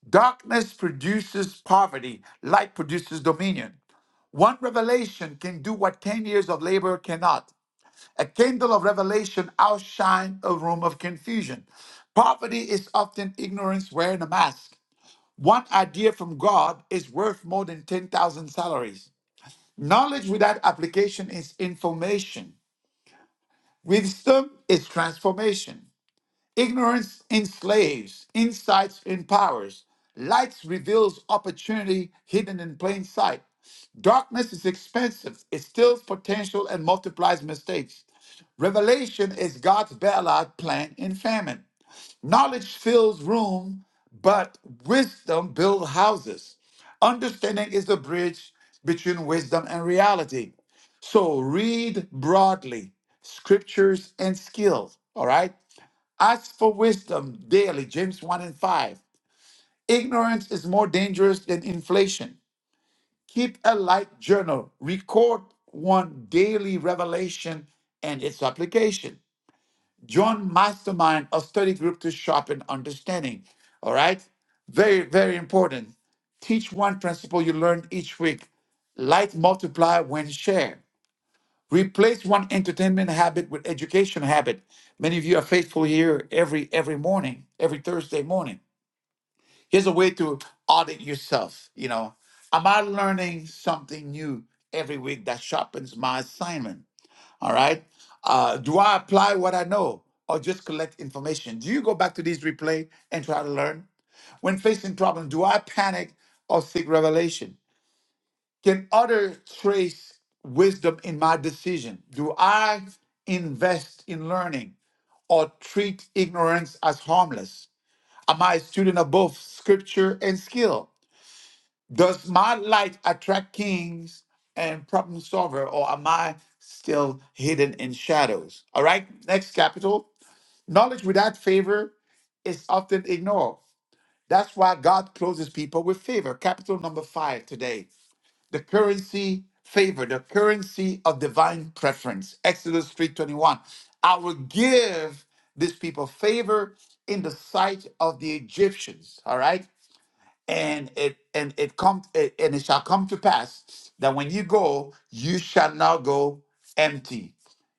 Darkness produces poverty. Light produces dominion. One revelation can do what 10 years of labor cannot. A candle of revelation outshines a room of confusion. Poverty is often ignorance wearing a mask. One idea from God is worth more than 10,000 salaries. Knowledge without application is information. Wisdom is transformation. Ignorance enslaves, insights empowers. Light reveals opportunity hidden in plain sight. Darkness is expensive, it steals potential and multiplies mistakes. Revelation is God's bailout plan in famine. Knowledge fills room, but wisdom builds houses. Understanding is the bridge between wisdom and reality. So read broadly scriptures and skills. All right. Ask for wisdom daily, James 1 and 5. Ignorance is more dangerous than inflation. Keep a light journal. Record one daily revelation and its application. Join Mastermind, a study group to sharpen understanding. All right? Very, very important. Teach one principle you learn each week. Like multiply when shared. Replace one entertainment habit with education habit. Many of you are faithful here every every morning, every Thursday morning. Here's a way to audit yourself. You know, am I learning something new every week that sharpens my assignment? All right. Uh, do I apply what I know or just collect information? Do you go back to these replay and try to learn? When facing problems, do I panic or seek revelation? Can others trace wisdom in my decision? Do I invest in learning or treat ignorance as harmless? Am I a student of both scripture and skill? Does my light attract kings and problem solver, or am I still hidden in shadows? All right, next capital. Knowledge without favor is often ignored. That's why God closes people with favor. Capital number five today. The currency favor, the currency of divine preference. Exodus 3:21. I will give this people favor in the sight of the Egyptians. All right and it and it come it, and it shall come to pass that when you go you shall not go empty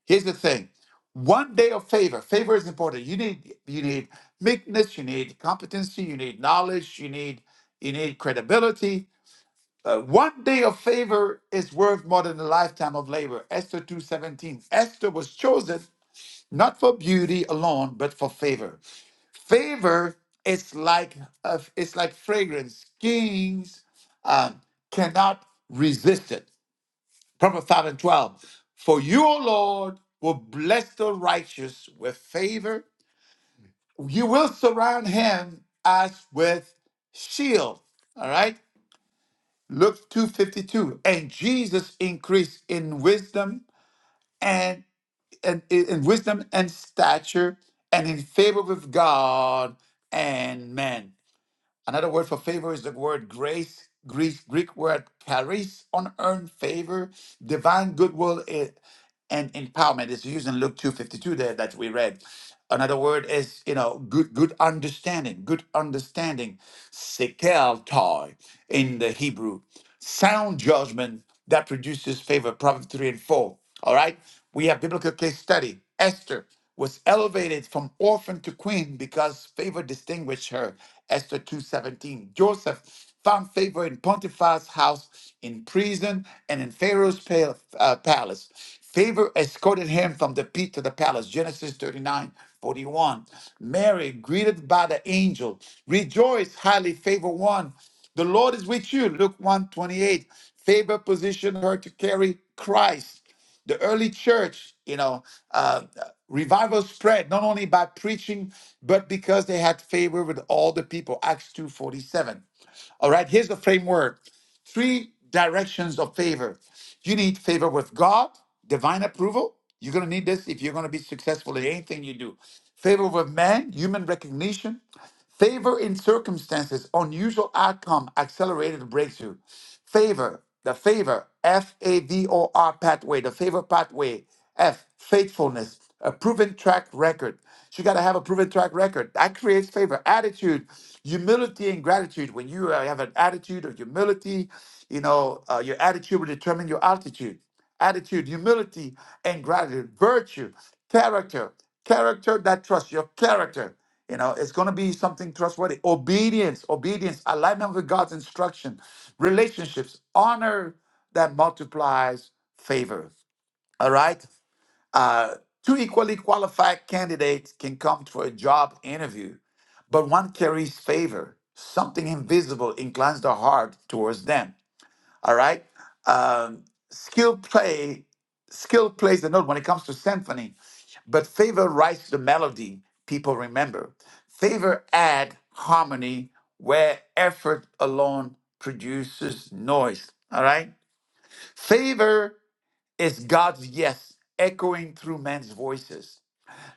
here's the thing one day of favor favor is important you need you need meekness you need competency you need knowledge you need you need credibility Uh, one day of favor is worth more than a lifetime of labor esther 2.17 esther was chosen not for beauty alone but for favor Favor is like a, it's like fragrance. Kings um, cannot resist it. Proverbs 5 and 12. For you, O Lord, will bless the righteous with favor. You will surround him as with shield. All right. Luke 252. And Jesus increased in wisdom and, and in wisdom and stature and in favor with God and men. Another word for favor is the word grace, Greek, Greek word charis, unearned favor, divine goodwill. eh, and empowerment is used in Luke 2:52 there that we read. Another word is, you know, good good understanding, good understanding, sekel toy in the Hebrew. Sound judgment that produces favor, Proverbs 3 and 4. All right. We have biblical case study. Esther was elevated from orphan to queen because favor distinguished her. Esther 2:17. Joseph found favor in Pontiphil's house, in prison, and in Pharaoh's pal- uh, palace. Favor escorted him from the pit to the palace. Genesis 39:41. Mary, greeted by the angel, rejoice, highly favored one. The Lord is with you. Luke 1 twenty-eight. Favor positioned her to carry Christ the early church, you know, uh, revival spread not only by preaching, but because they had favor with all the people. Acts 2.47. All right, here's the framework three directions of favor. You need favor with God, divine approval. You're going to need this if you're going to be successful in anything you do. Favor with man, human recognition. Favor in circumstances, unusual outcome, accelerated breakthrough. Favor, the favor, F A V O R pathway, the favor pathway, F, faithfulness, a proven track record. So you got to have a proven track record. That creates favor. Attitude, humility, and gratitude. When you uh, have an attitude of humility, you know, uh, your attitude will determine your altitude attitude, humility, and gratitude, virtue, character, character that trusts your character. You know, it's going to be something trustworthy. Obedience, obedience, alignment with God's instruction, relationships, honor that multiplies favor. All right. Uh, two equally qualified candidates can come for a job interview, but one carries favor. Something invisible inclines the heart towards them. All right. Um, skill play, skill plays the note when it comes to symphony, but favor writes the melody. People remember. Favor add harmony where effort alone produces noise. All right. Favor is God's yes echoing through men's voices.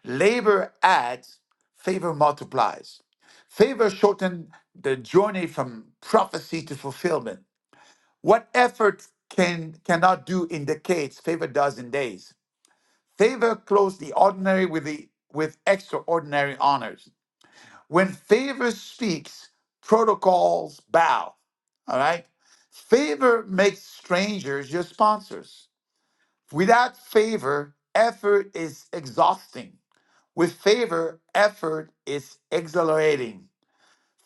Labor adds, favor multiplies. Favor shortened the journey from prophecy to fulfillment. What effort can cannot do indicates favor does in days. Favor clothes the ordinary with the with extraordinary honors. When favor speaks, protocols bow. All right? Favor makes strangers your sponsors. Without favor, effort is exhausting. With favor, effort is exhilarating.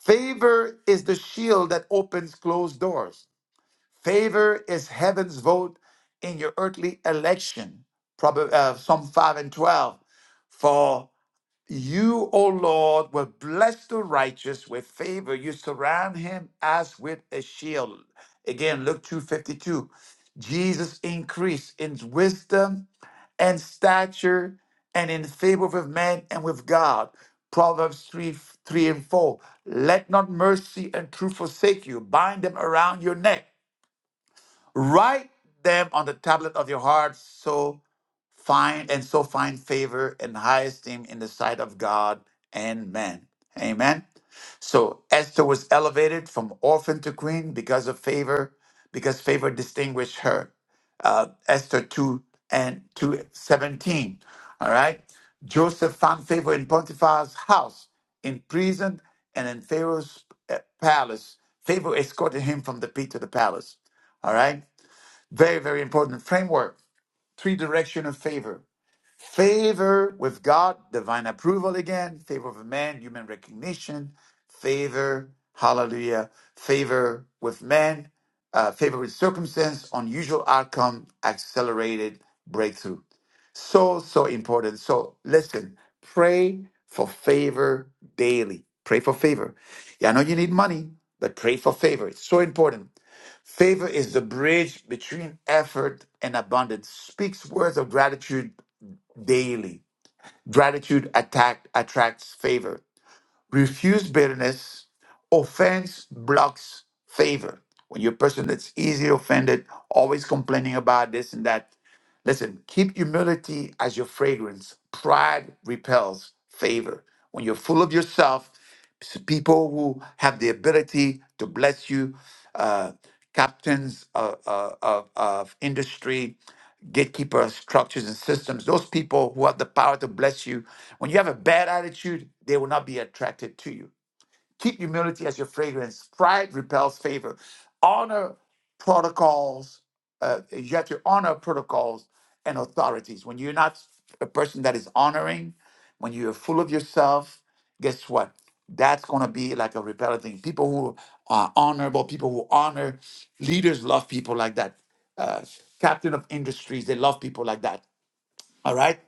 Favor is the shield that opens closed doors. Favor is heaven's vote in your earthly election. Proverbs, uh, Psalm 5 and 12. For you, O Lord, will bless the righteous with favor. You surround him as with a shield. Again, Luke 2.52. Jesus increased in wisdom and stature and in favor with men and with God. Proverbs 3, 3 and 4. Let not mercy and truth forsake you. Bind them around your neck. Write them on the tablet of your heart, so find and so find favor and high esteem in the sight of God and man. Amen. So Esther was elevated from orphan to queen because of favor, because favor distinguished her. Uh, Esther 2 and 217. All right. Joseph found favor in Potiphar's house, in prison, and in Pharaoh's uh, palace. Favor escorted him from the pit to the palace. All right. Very, very important framework. Three direction of favor. Favor with God, divine approval again, favor of man, human recognition, favor, hallelujah, favor with man, uh, favor with circumstance, unusual outcome, accelerated breakthrough. So, so important. So listen, pray for favor daily. Pray for favor. Yeah, I know you need money, but pray for favor. It's so important. Favor is the bridge between effort and abundance. Speaks words of gratitude daily. Gratitude attack, attracts favor. Refuse bitterness. Offense blocks favor. When you're a person that's easily offended, always complaining about this and that, listen, keep humility as your fragrance. Pride repels favor. When you're full of yourself, s- people who have the ability to bless you, uh, captains of, of, of industry, gatekeeper structures and systems, those people who have the power to bless you, when you have a bad attitude, they will not be attracted to you. Keep humility as your fragrance. Pride repels favor. Honor protocols. Uh, you have to honor protocols and authorities. When you're not a person that is honoring, when you're full of yourself, guess what? That's going to be like a repellent thing. People who are honorable, people who honor, leaders love people like that. Uh, captain of industries, they love people like that. All right?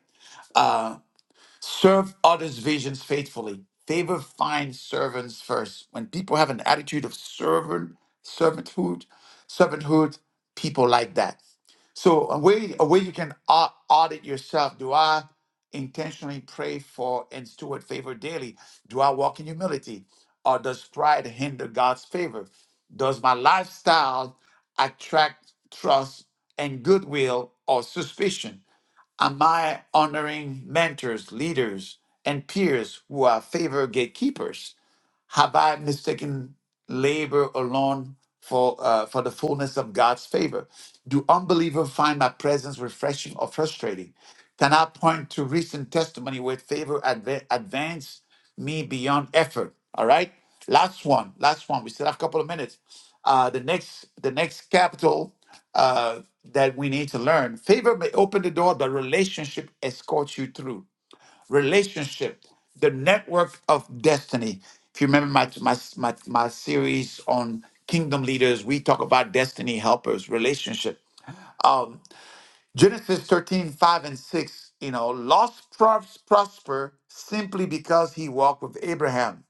Serve others' visions faithfully. Favor finds servants first. When people have an attitude of servant, servanthood, servanthood, people like that. So a way, a way you can au- audit yourself. Do I intentionally pray for and steward favor daily? Do I walk in humility? Or does pride hinder God's favor? Does my lifestyle attract trust and goodwill or suspicion? Am I honoring mentors, leaders, and peers who are favor gatekeepers? Have I mistaken labor alone for uh, for the fullness of God's favor? Do unbelievers find my presence refreshing or frustrating? Can I point to recent testimony where favor adva- advanced me beyond effort? All right. Last one. Last one. We still have a couple of minutes. Uh, the next the next capital uh, that we need to learn. Favor may open the door, but relationship escorts you through relationship, the network of destiny. If you remember my, my, my, my series on kingdom leaders, we talk about destiny helpers, relationship. Um, Genesis 13 5 and 6, you know, lost pros- prosper simply because he walked with Abraham.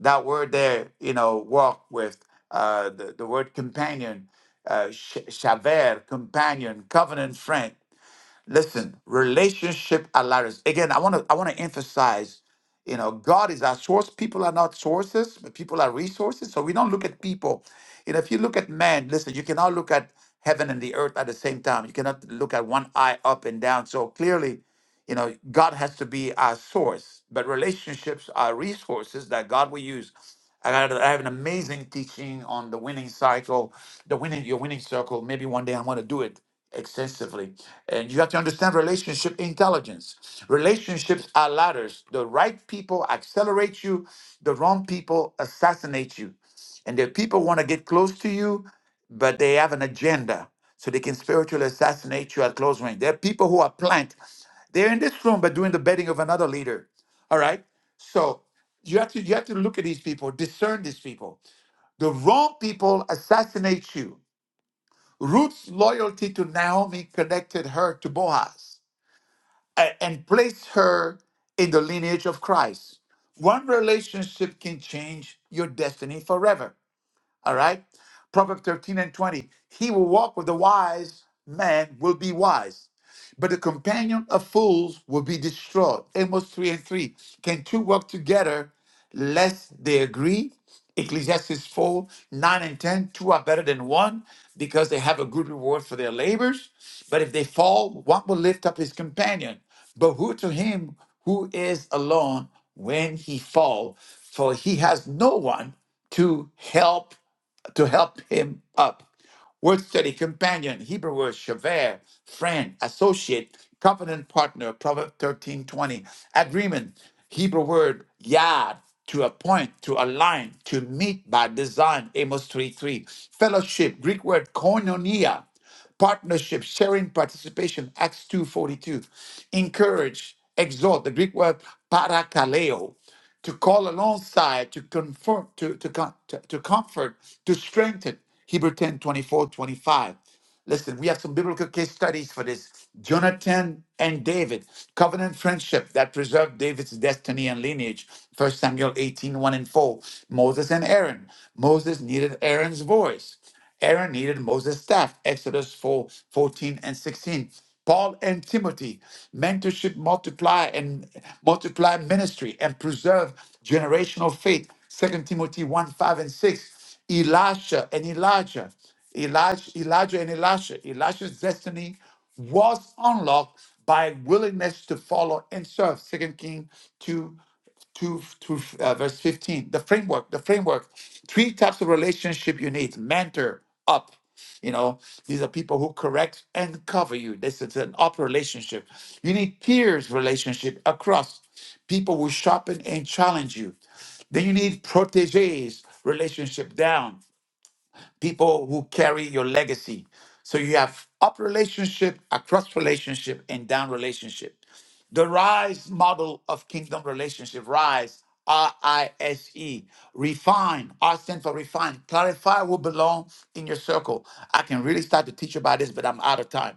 That word there, you know, walk with, uh, the, the word companion, uh, sh- shaver, companion, covenant friend. Listen, relationship aligns. Again, I want to I want to emphasize, you know, God is our source. People are not sources, but people are resources. So we don't look at people. You know, if you look at man, listen, you cannot look at heaven and the earth at the same time. You cannot look at one eye up and down. So clearly, you know, God has to be our source, but relationships are resources that God will use. I, had, I have an amazing teaching on the winning cycle, the winning your winning circle. Maybe one day I'm going to do it extensively. And you have to understand relationship intelligence. Relationships are ladders. The right people accelerate you, the wrong people assassinate you. And the people want to get close to you, but they have an agenda. So they can spiritually assassinate you at close range. There are people who are planked. They're in this room, but doing the betting of another leader. All right. So you have to you have to look at these people, discern these people. The wrong people assassinate you. Ruth's loyalty to Naomi connected her to Boaz a- and placed her in the lineage of Christ. One relationship can change your destiny forever. All right. Proverbs 13 and 20. He will walk with the wise man will be wise, but the companion of fools will be destroyed. Amos 3 and 3. Can two work together lest they agree? Ecclesiastes 4, 9 and 10. Two are better than one because they have a good reward for their labors. But if they fall, one will lift up his companion. But who to him who is alone when he fall? For he has no one to help to help him up. Word study, companion, Hebrew word, shaver, friend, associate, covenant partner, Proverbs thirteen twenty. Agreement, Hebrew word, yad, to appoint, to align, to meet by design, Amos 3 3. Fellowship, Greek word, koinonia, partnership, sharing, participation, Acts two forty two. Encourage, exhort, the Greek word, parakaleo to call alongside, to confirm, to, to, to, to comfort, to strengthen. Hebrew 10 24 25. Listen, we have some biblical case studies for this. Jonathan and David, covenant friendship that preserved David's destiny and lineage. First Samuel eighteen one and 4. Moses and Aaron. Moses needed Aaron's voice. Aaron needed Moses' staff. Exodus 4 14 and 16. Paul and Timothy, mentorship multiply and multiply ministry and preserve generational faith. Second Timothy 1, 5 and 6. Elisha and Elijah. Elijah, Elijah and Elisha. Elisha's destiny was unlocked by willingness to follow and serve. Second King 2 to, to uh, verse 15 the framework the framework three types of relationship you need mentor up you know these are people who correct and cover you this is an up relationship you need peers relationship across people who sharpen and challenge you then you need proteges relationship down people who carry your legacy. So you have up relationship, across relationship, and down relationship. The RISE model of kingdom relationship, RISE, R I S E, refine, R stands for refine, clarify who belong in your circle. I can really start to teach about this, but I'm out of time.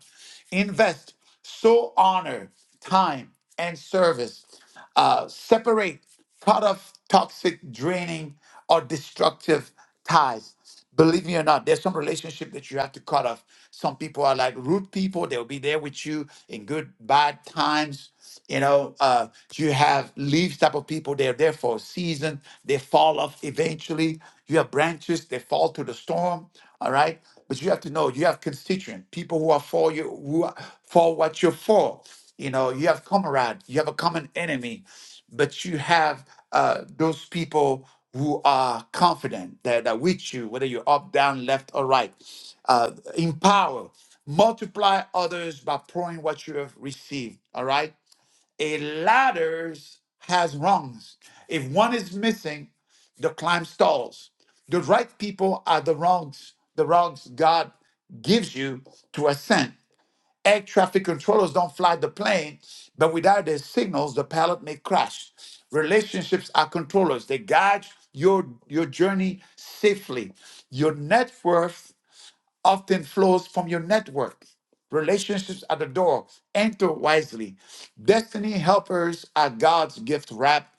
Invest, so honor, time, and service. Uh, separate, cut off toxic, draining, or destructive ties. Believe me or not, there's some relationship that you have to cut off. Some people are like root people, they'll be there with you in good, bad times. You know, uh, you have leaves type of people, they're there for a season, they fall off eventually. You have branches, they fall to the storm. All right. But you have to know you have constituent people who are for you, who are for what you're for. You know, you have comrade, you have a common enemy, but you have uh, those people who are confident that that with you, whether you're up, down, left, or right. Uh, empower, multiply others by pouring what you have received. All right a ladders has rungs. If one is missing, the climb stalls. The right people are the rungs, the rungs God gives you to ascend. Air traffic controllers don't fly the plane, but without their signals, the pilot may crash. Relationships are controllers. They guide your, your journey safely. Your net worth often flows from your network. Relationships at the door. Enter wisely. Destiny helpers are God's gift wrap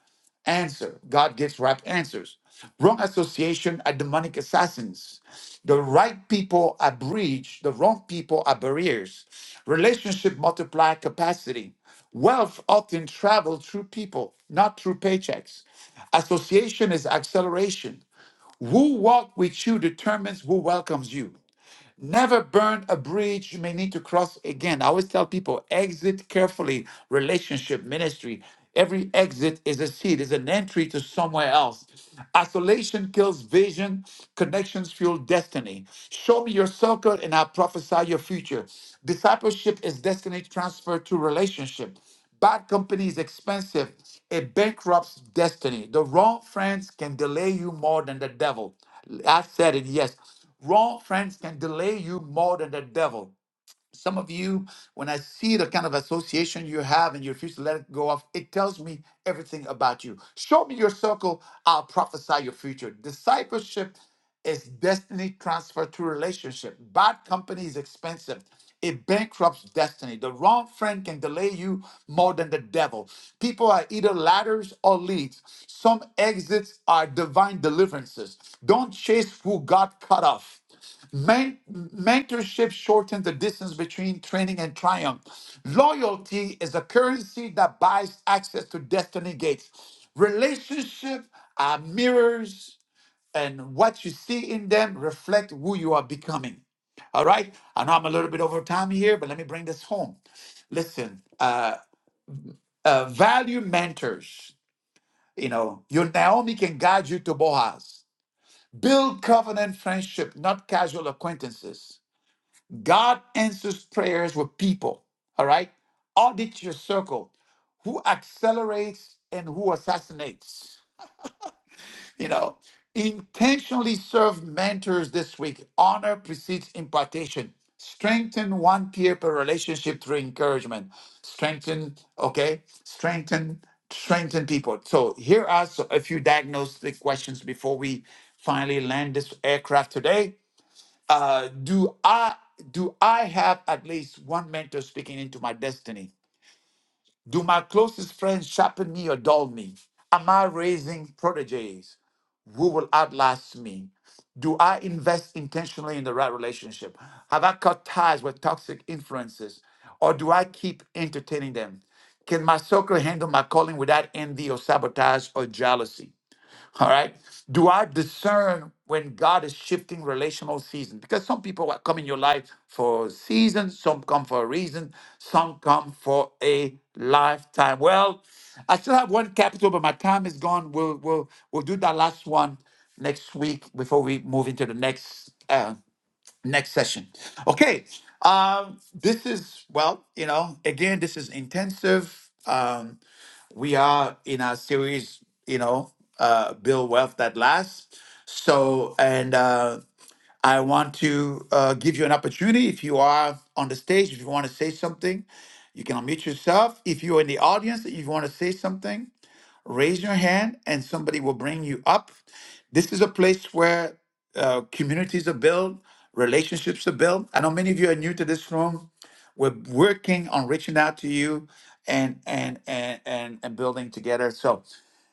answer. God gives wrap answers. Wrong association are demonic assassins. The right people are bridge. The wrong people are barriers. Relationship multiply capacity. Wealth often travels through people, not through paychecks. Association is acceleration. Who walk with you determines who welcomes you. Never burn a bridge you may need to cross again. I always tell people exit carefully, relationship, ministry. Every exit is a seed, is an entry to somewhere else. Isolation kills vision, connections fuel destiny. Show me your circle and I prophesy your future. Discipleship is destiny transferred to relationship. Bad company is expensive. It bankrupts destiny. The wrong friends can delay you more than the devil. I said it, yes. Wrong friends can delay you more than the devil some of you, when I see the kind of association you have and you refuse to let it go off, it tells me everything about you. Show me your circle, I'll prophesy your future. Discipleship is destiny transfer to relationship. Bad company is expensive. It bankrupts destiny. The wrong friend can delay you more than the devil. People are either ladders or leads. Some exits are divine deliverances. Don't chase who God cut off. Men- mentorship shortens the distance between training and triumph. Loyalty is a currency that buys access to destiny gates. Relationship are mirrors, and what you see in them reflect who you are becoming. All right. I know I'm a little bit over time here, but let me bring this home. Listen, uh, uh, value mentors. You know, your Naomi can guide you to Boaz. Build covenant friendship, not casual acquaintances. God answers prayers with people. All right. Audit your circle. Who accelerates and who assassinates? You know, intentionally serve mentors this week. Honor precedes impartation. Strengthen one peer per relationship through encouragement. Strengthen, okay? Strengthen, strengthen people. So here are so- a few diagnostic questions before we finally land this aircraft today uh, do I do I have at least one mentor speaking into my destiny? Do my closest friends sharpen me or dull me? Am I raising proteges who will outlast me? Do I invest intentionally in the right relationship? Have I cut ties with toxic influences or do I keep entertaining them? Can my circle handle my calling without envy or sabotage or jealousy? All right. Do I discern when God is shifting relational season? Because some people are- come in your life for seasons, some come for a reason, some come for a lifetime. Well, I still have one capital, but my time is gone. We'll we'll we'll do that last one next week before we move into the next. uh, next session. Okay. Um, this is, well, you know, again, this is intensive. Um, we are in our series, you know, uh, Build Wealth That Lasts. So, and uh, I want to uh, give you an opportunity if you are on the stage, if you want to say something, you can unmute yourself. If you're in the audience, if you want to say something, raise your hand and somebody will bring you up. This is a place where uh, communities are built, relationships are built. I know many of you are new to this room. We're working on reaching out to you and and and and, and building together. So,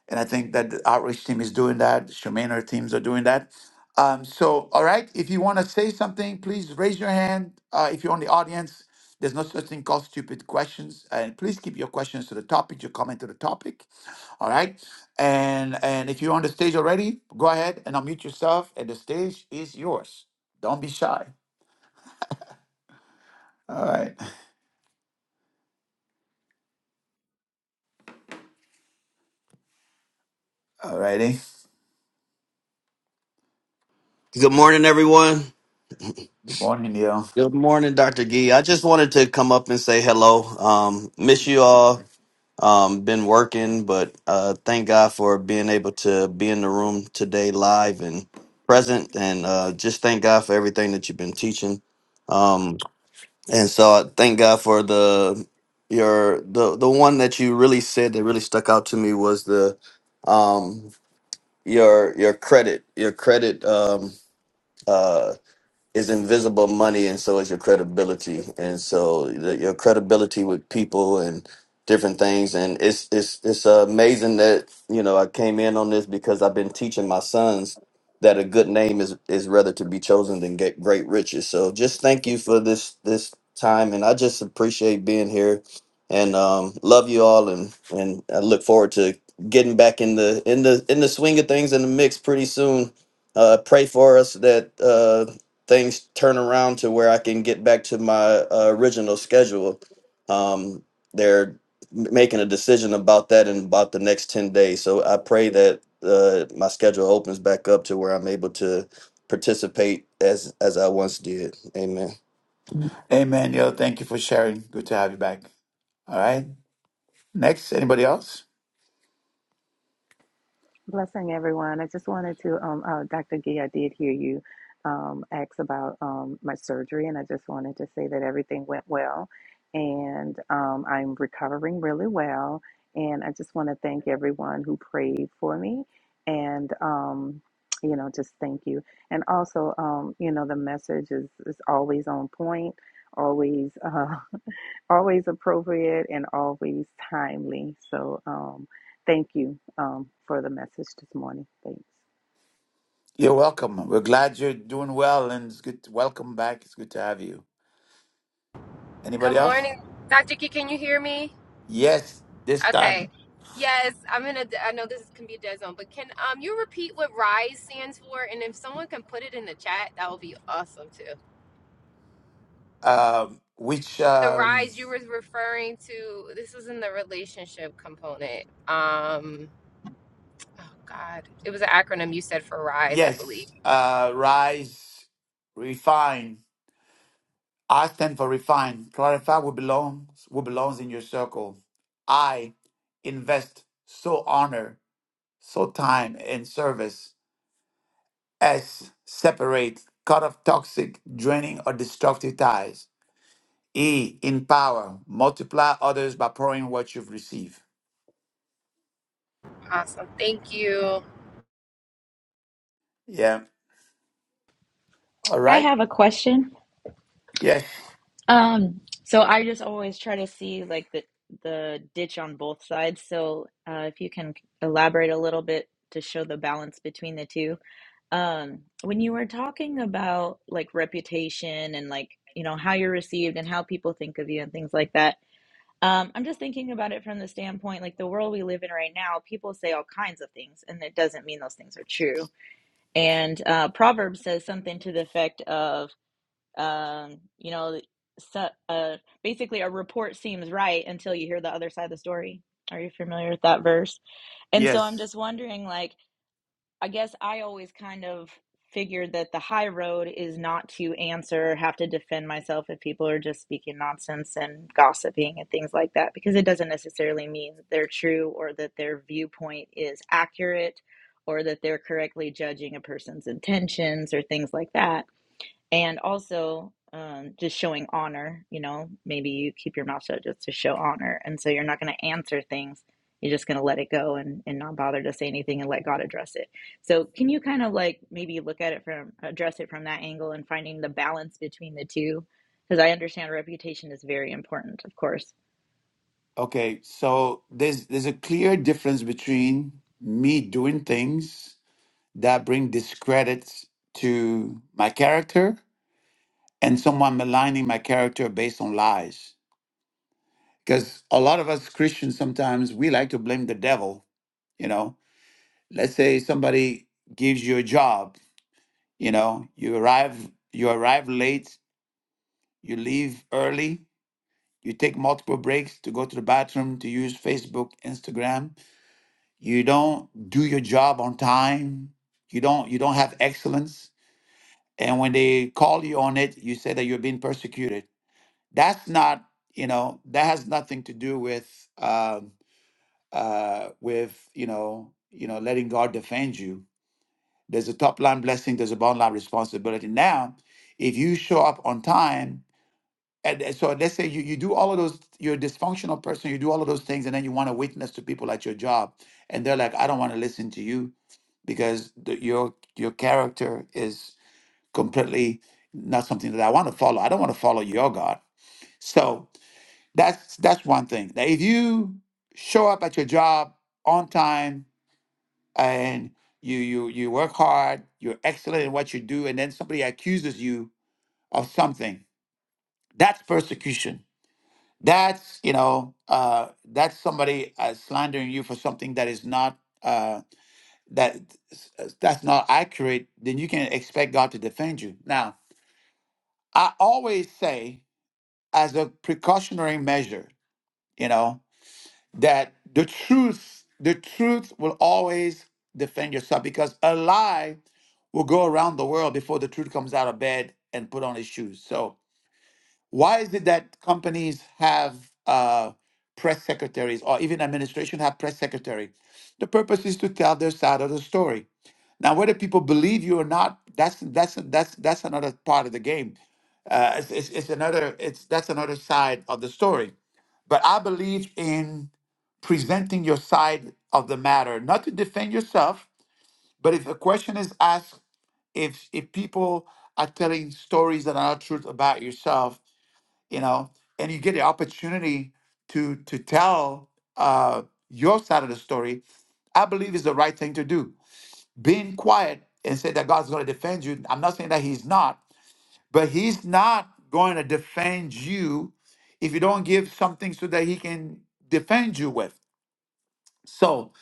and I think that the outreach team is doing that. Charmaine and her teams are doing that. Um, so, all right, if you want to say something, please raise your hand. Uh, if you're on the audience, there's no such thing called stupid questions. And please keep your questions to the topic, your comment to the topic. All right. And and if you're on the stage already, go ahead and unmute yourself and the stage is yours. Don't be shy. All right. All righty. Good morning, everyone. Good morning, Neil. Good morning, Dr. Gee. I just wanted to come up and say hello. Um, miss you all. Um, been working, but uh, thank God for being able to be in the room today, live and present. And uh, just thank God for everything that you've been teaching. Um, and so I thank God for the your the the one that you really said that really stuck out to me was the um, your your credit your credit um, uh, is invisible money, and so is your credibility. And so the, your credibility with people and different things. And it's it's it's amazing that you know I came in on this because I've been teaching my sons that a good name is is rather to be chosen than get great riches. So just thank you for this this time, and I just appreciate being here. And um, love you all, and and I look forward to getting back in the in the in the swing of things in the mix pretty soon uh, pray for us that uh, things turn around to where I can get back to my uh, original schedule. Um, they're making a decision about that in about the next 10 days. So I pray that uh, my schedule opens back up to where I'm able to participate as as I once did. Amen. Amen, Neil. Thank you for sharing. Good to have you back. All right. Next, anybody else? Blessing everyone. I just wanted to, um, uh, Dr. Gee, I did hear you um, ask about um, my surgery, and I just wanted to say that everything went well, and um, I'm recovering really well. And I just want to thank everyone who prayed for me, and um, you know, just thank you. And also, um, you know, the message is is always on point, always. uh, *laughs* always appropriate and always timely. So, um, thank you um, for the message this morning. Thanks. You're welcome. We're glad you're doing well and it's good to welcome back. It's good to have you. Good Anybody else? morning, Dr. Key. Can you hear me? Yes, this time. Okay. Yes, I'm in a. I know this can be a dead zone, but can um you repeat what RISE stands for? And if someone can put it in the chat, that would be awesome too. Um, which The um RISE you were referring to. This was in the relationship component. Um. Oh God, it was an acronym you said for RISE, I believe. yes, uh rise, refine I stand for refine. Clarify what belongs what belongs in your circle. I invest so honor, so time and service. S separate, cut off toxic, draining or destructive ties. E empower, multiply others by pouring what you've received. Awesome. Thank you. Yeah. All I right. have a question. Yes. Um, so I just always try to see like the the ditch on both sides. So uh, if you can elaborate a little bit to show the balance between the two. Um, when you were talking about like reputation and like you know how you're received and how people think of you and things like that. Um, I'm just thinking about it from the standpoint like the world we live in right now, people say all kinds of things, and it doesn't mean those things are true. And uh, Proverbs says something to the effect of Um, you know, so, uh, basically, a report seems right until you hear the other side of the story. Are you familiar with that verse? And so I'm Yes. just wondering, like, I guess I always kind of figured that the high road is not to answer, have to defend myself if people are just speaking nonsense and gossiping and things like that, because it doesn't necessarily mean that they're true or that their viewpoint is accurate or that they're correctly judging a person's intentions or things like that and also um, just showing honor. You know, maybe you keep your mouth shut just to show honor, and so you're not going to answer things. You're just going to let it go and, and not bother to say anything and let God address it. So, can you kind of like maybe look at it from address it from that angle and finding the balance between the two? Because I understand reputation is very important, of course. Okay. So there's there's a clear difference between me doing things that bring discredit to my character and someone maligning my character based on lies. Because a lot of us Christians sometimes we like to blame the devil, you know. Let's say somebody gives you a job, you know, you arrive you arrive late, you leave early, you take multiple breaks to go to the bathroom, to use Facebook, Instagram. You don't do your job on time. You don't you don't have excellence and when they call you on it you say that you're being persecuted that's not you know that has nothing to do with um uh with you know you know letting god defend you there's a top line blessing there's a bottom line responsibility now if you show up on time and and so let's say you, you do all of those you're a dysfunctional person you do all of those things and then you want to witness to people at your job and they're like i don't want to listen to you because the, your your character is completely not something that I want to follow. I don't want to follow your God. So that's that's one thing. That if you show up at your job on time and you you you work hard, you're excellent in what you do, and then somebody accuses you of something, that's persecution. That's you know uh, that's somebody uh, slandering you for something that is not uh, that that's not accurate. Then you can expect God to defend you. Now I always say as a precautionary measure, you know, that the truth, the truth will always defend yourself because a lie will go around the world before the truth comes out of bed and put on his shoes. So why is it that companies have uh, press secretaries or even administration have press secretary? The purpose is to tell their side of the story. Now, whether people believe you or not, that's that's that's that's another part of the game. Uh, it's, it's, it's another it's that's another side of the story. But I believe in presenting your side of the matter, not to defend yourself, but if a question is asked, if if people are telling stories that are not truth about yourself, you know, and you get the opportunity to to tell uh, your side of the story, I believe is the right thing to do. Being quiet and say that God's going to defend you. I'm not saying that He's not, but he's not going to defend you if you don't give something so that he can defend you with. So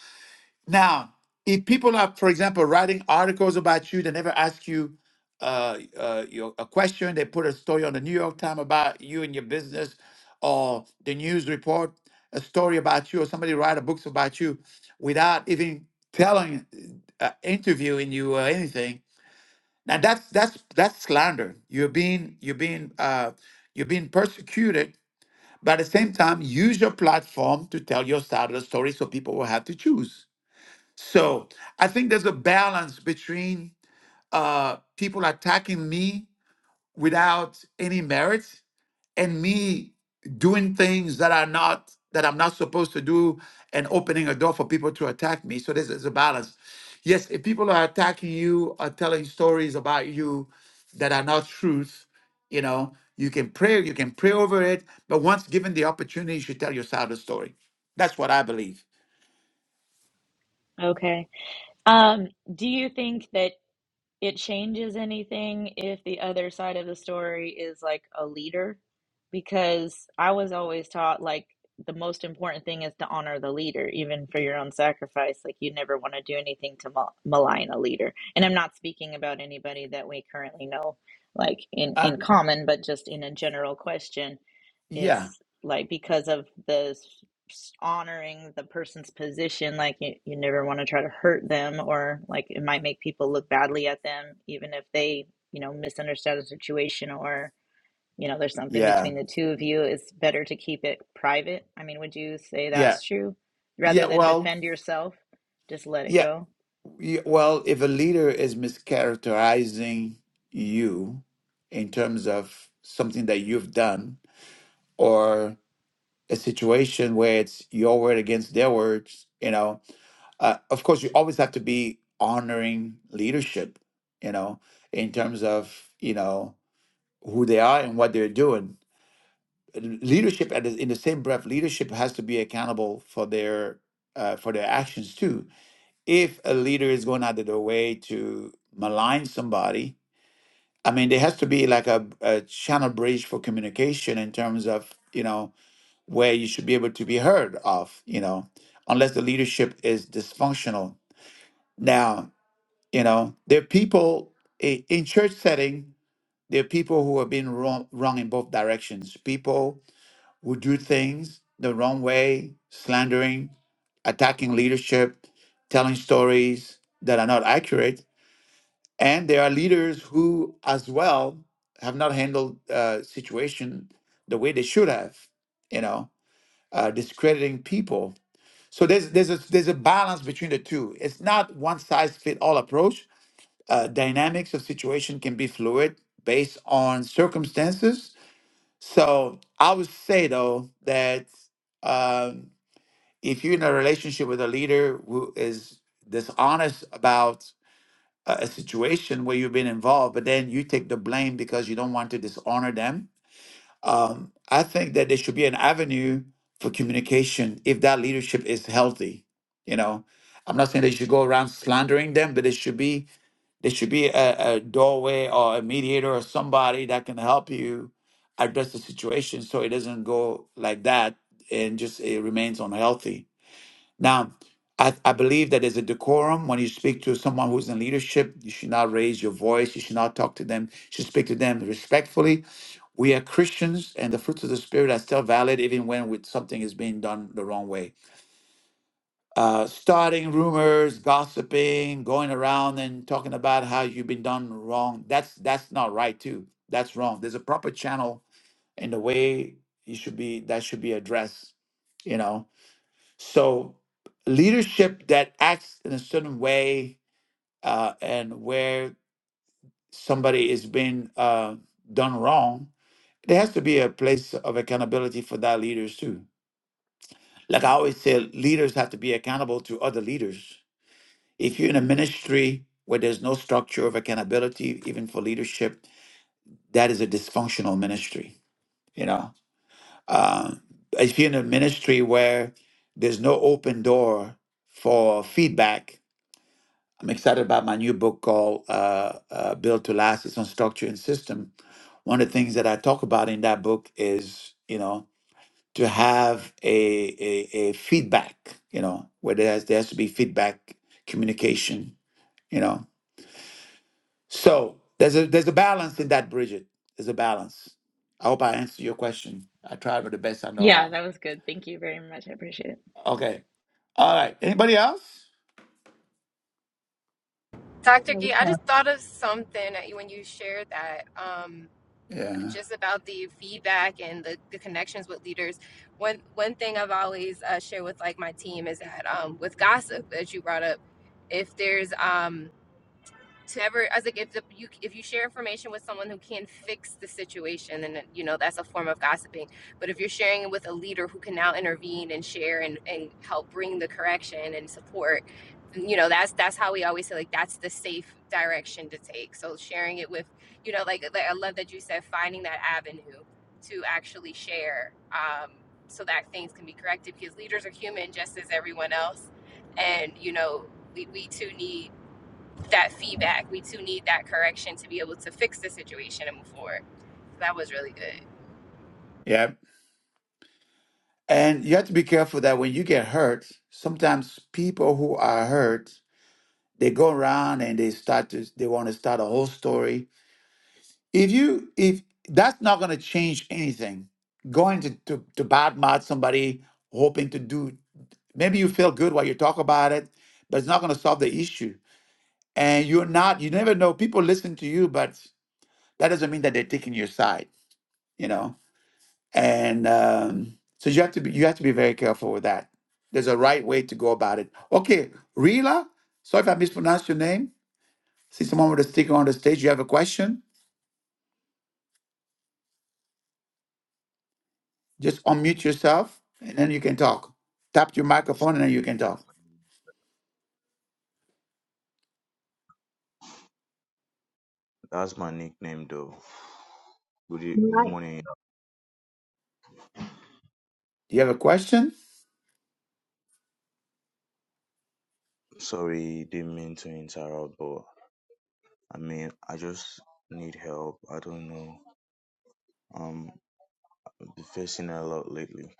now, if people are, for example, writing articles about you, they never ask you uh, uh, your, a question, they put a story on the New York Times about you and your business, or the news report, a story about you, or somebody write a books about you without even telling, uh, interviewing you or anything now that's that's that's slander. You're being you're being uh, you're being persecuted, but at the same time, use your platform to tell your side of the story, so people will have to choose. So I think there's a balance between uh, people attacking me without any merit and me doing things that are not that I'm not supposed to do and opening a door for people to attack me. So this is a balance. Yes, if people are attacking you or telling stories about you that are not truth, you know, you can pray, you can pray over it, but once given the opportunity, you should tell your side of the story. That's what I believe. Okay. Um, do you think that? it changes anything if the other side of the story is like a leader because i was always taught like the most important thing is to honor the leader even for your own sacrifice like you never want to do anything to mal- malign a leader and i'm not speaking about anybody that we currently know like in Uh, in common but just in a general question yeah, is like because of the honoring the person's position like you, you never want to try to hurt them or like it might make people look badly at them even if they you know misunderstand the situation or you know there's something yeah, between the two of you it's better to keep it private i mean would you say yeah, that's true yeah. rather than Well, defend yourself just let it yeah. go Yeah, Well, if a leader is mischaracterizing you in terms of something that you've done or a situation where it's your word against their words, you know, uh, of course, you always have to be honoring leadership, you know, in terms of, you know, who they are and what they're doing. Leadership, at the- in the same breath, leadership has to be accountable for their uh, for their actions too if a leader is going out of their way to malign somebody, I mean, there has to be like a, a channel bridge for communication in terms of, you know, where you should be able to be heard of, you know, unless the leadership is dysfunctional. Now, you know, there are people i- in church setting, there are people who have been wrong, wrong in both directions. People who do things the wrong way, slandering, attacking leadership, telling stories that are not accurate And there are leaders who, as well, have not handled uh, situation the way they should have, you know, uh, discrediting people. So there's there's a there's a balance between the two. It's not one size fit all approach. Uh, dynamics of situation can be fluid based on circumstances. So I would say though that um, if you're in a relationship with a leader who is dishonest about a, a situation where you've been involved, but then you take the blame because you don't want to dishonor them. Um, I think that there should be an avenue for communication if that leadership is healthy. You know, I'm not saying they should go around slandering them, but it should be there should be a, a doorway or a mediator or somebody that can help you address the situation so it doesn't go like that and just it remains unhealthy. Now, I, I believe that there's a decorum when you speak to someone who's in leadership. You should not raise your voice. You should not talk to them. You should speak to them respectfully. We are Christians, and the fruits of the Spirit are still valid even when with something is being done the wrong way. Uh, starting rumors, gossiping, going around and talking about how you've been done wrong. That's that's not right too. That's wrong. There's a proper channel in the way you should be that should be addressed. You know so leadership that acts in a certain way uh, and where somebody is being uh, done wrong, there has to be a place of accountability for that leaders too. Like I always say, leaders have to be accountable to other leaders. If you're in a ministry where there's no structure of accountability, even for leadership, that is a dysfunctional ministry. You know, uh, if you're in a ministry where there's no open door for feedback, I'm excited about my new book called uh, uh, Build to Last. It's on structure and system. One of the things that I talk about in that book is, you know, to have a, a, a feedback, you know, where there has, there has to be feedback communication, you know. So there's a there's a balance in that, Bridget. There's a balance. I hope I answered your question. I tried with the best I know yeah how. that was good thank you very much i appreciate it Okay. All right. Anybody else? Dr. Gee, I just thought of something that you- when you shared that, um, Yeah. just about the feedback and the, the connections with leaders. One one thing I've always uh, shared with like my team is that um, with gossip, as you brought up, if there's um, to ever i was like if the, you if you share information with someone who can fix the situation then you know that's a form of gossiping but if you're sharing it with a leader who can now intervene and share and, and help bring the correction and support you know that's that's how we always say like that's the safe direction to take so sharing it with you know like, like i love that you said finding that avenue to actually share um, so that things can be corrected because leaders are human just as everyone else and you know we, we too need that feedback. We too need that correction to be able to fix the situation and move forward. So that was really good. Yeah. And you have to be careful that when you get hurt, sometimes people who are hurt, they go around and they start to they want to start a whole story. If you if that's not gonna change anything, going to to, to badmouth somebody hoping to do maybe you feel good while you talk about it, but it's not gonna solve the issue. And you're not you never know, people listen to you, but that doesn't mean that they're taking your side, you know. and um, so you have to be you have to be very careful with that. There's a right way to go about it. Okay, Rila. Sorry if I mispronounced your name. See someone with a sticker on the stage. You have a question? Just unmute yourself, and then you can talk. Tap My your name is microphone, and then you can talk. that's my nickname though. Good, e- good morning. Do you have a question? sorry, didn't mean to interrupt, but I mean, I just need help. I don't know. Um, I've been facing a lot lately.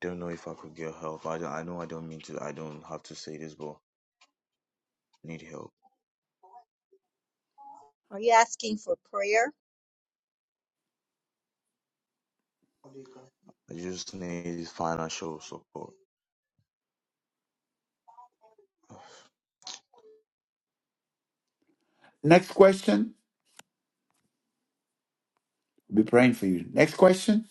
Don't know if I could get help. I don't, I know I don't mean to. I don't have to say this, but need help. Are you asking for prayer? I just need financial support. Next question. We'll be praying for you. Next question.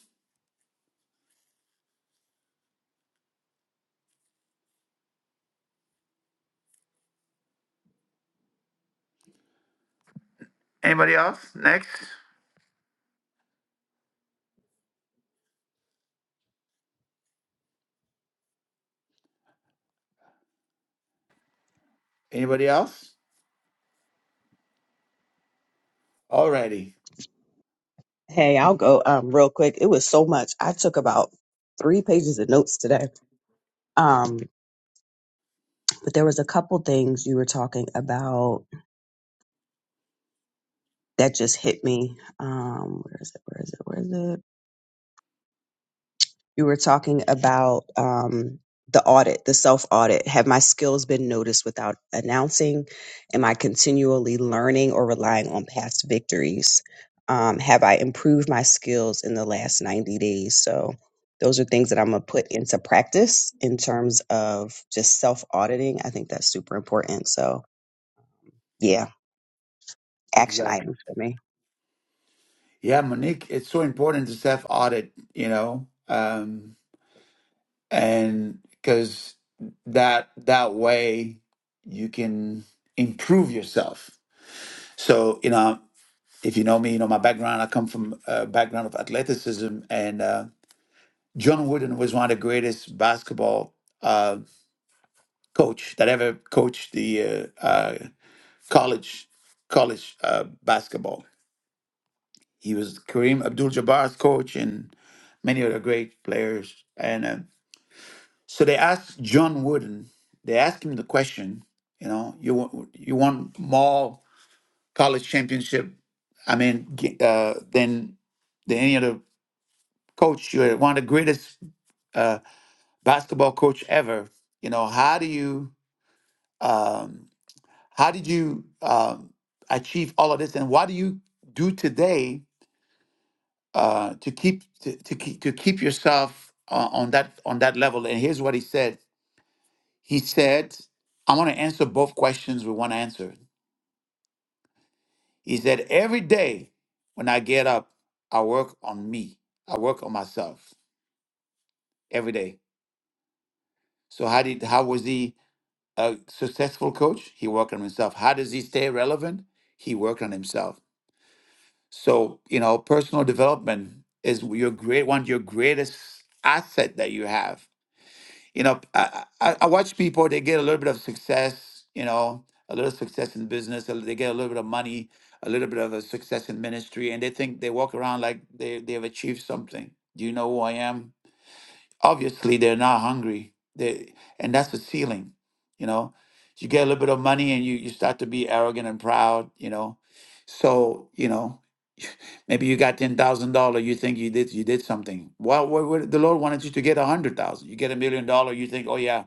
Anybody else? Next. Anybody else? Alrighty. Hey, I'll go um, real quick. It was so much. I took about three pages of notes today. Um, but there was a couple things you were talking about that just hit me. Um, where is it? Where is it? Where is it? you were talking about um, the audit, the self audit. Have my skills been noticed without announcing? Am I continually learning or relying on past victories? Um, have I improved my skills in the last 90 days? So, those are things that I'm going to put into practice in terms of just self auditing. I think that's super important. So, yeah, action Exactly. items for me. Yeah, Monique. It's so important to self audit. You know. Um, and because that that way you can improve yourself so you know if you know me you know my background i come from a background of athleticism and uh, john wooden was one of the greatest basketball uh, coach that ever coached the uh, uh, college college uh, basketball he was kareem abdul-jabbar's coach and many other great players And uh, So they asked John Wooden, they asked him the question, you know, you want, you want more college championship, I mean, g- uh, than, than any other coach. You're one of the greatest uh, basketball coach ever. You know, how do you, um, how did you um, achieve all of this? And what do you do today uh, to keep, to, to keep, to keep yourself uh, on that, on that level? And here's what he said. He said, I want to answer both questions with one answer. He said, Every day when I get up, I work on me. I work on myself every day. So how did how was he a successful coach? He worked on himself. How does he stay relevant? He worked on himself. So, you know, personal development is your great one of your greatest asset that you have you know, I, I, I watch people, they get a little bit of success, you know, a little success in business, a li- they get a little bit of money, a little bit of a success in ministry, and they think they walk around like they, they've achieved something. Do you know who I am? obviously they're not hungry they and that's the ceiling you know you get a little bit of money and you you start to be arrogant and proud you know so you know *laughs* maybe you got ten thousand dollar you think you did you did something well what, what, the lord wanted you to get a hundred thousand you get a million dollar you think oh yeah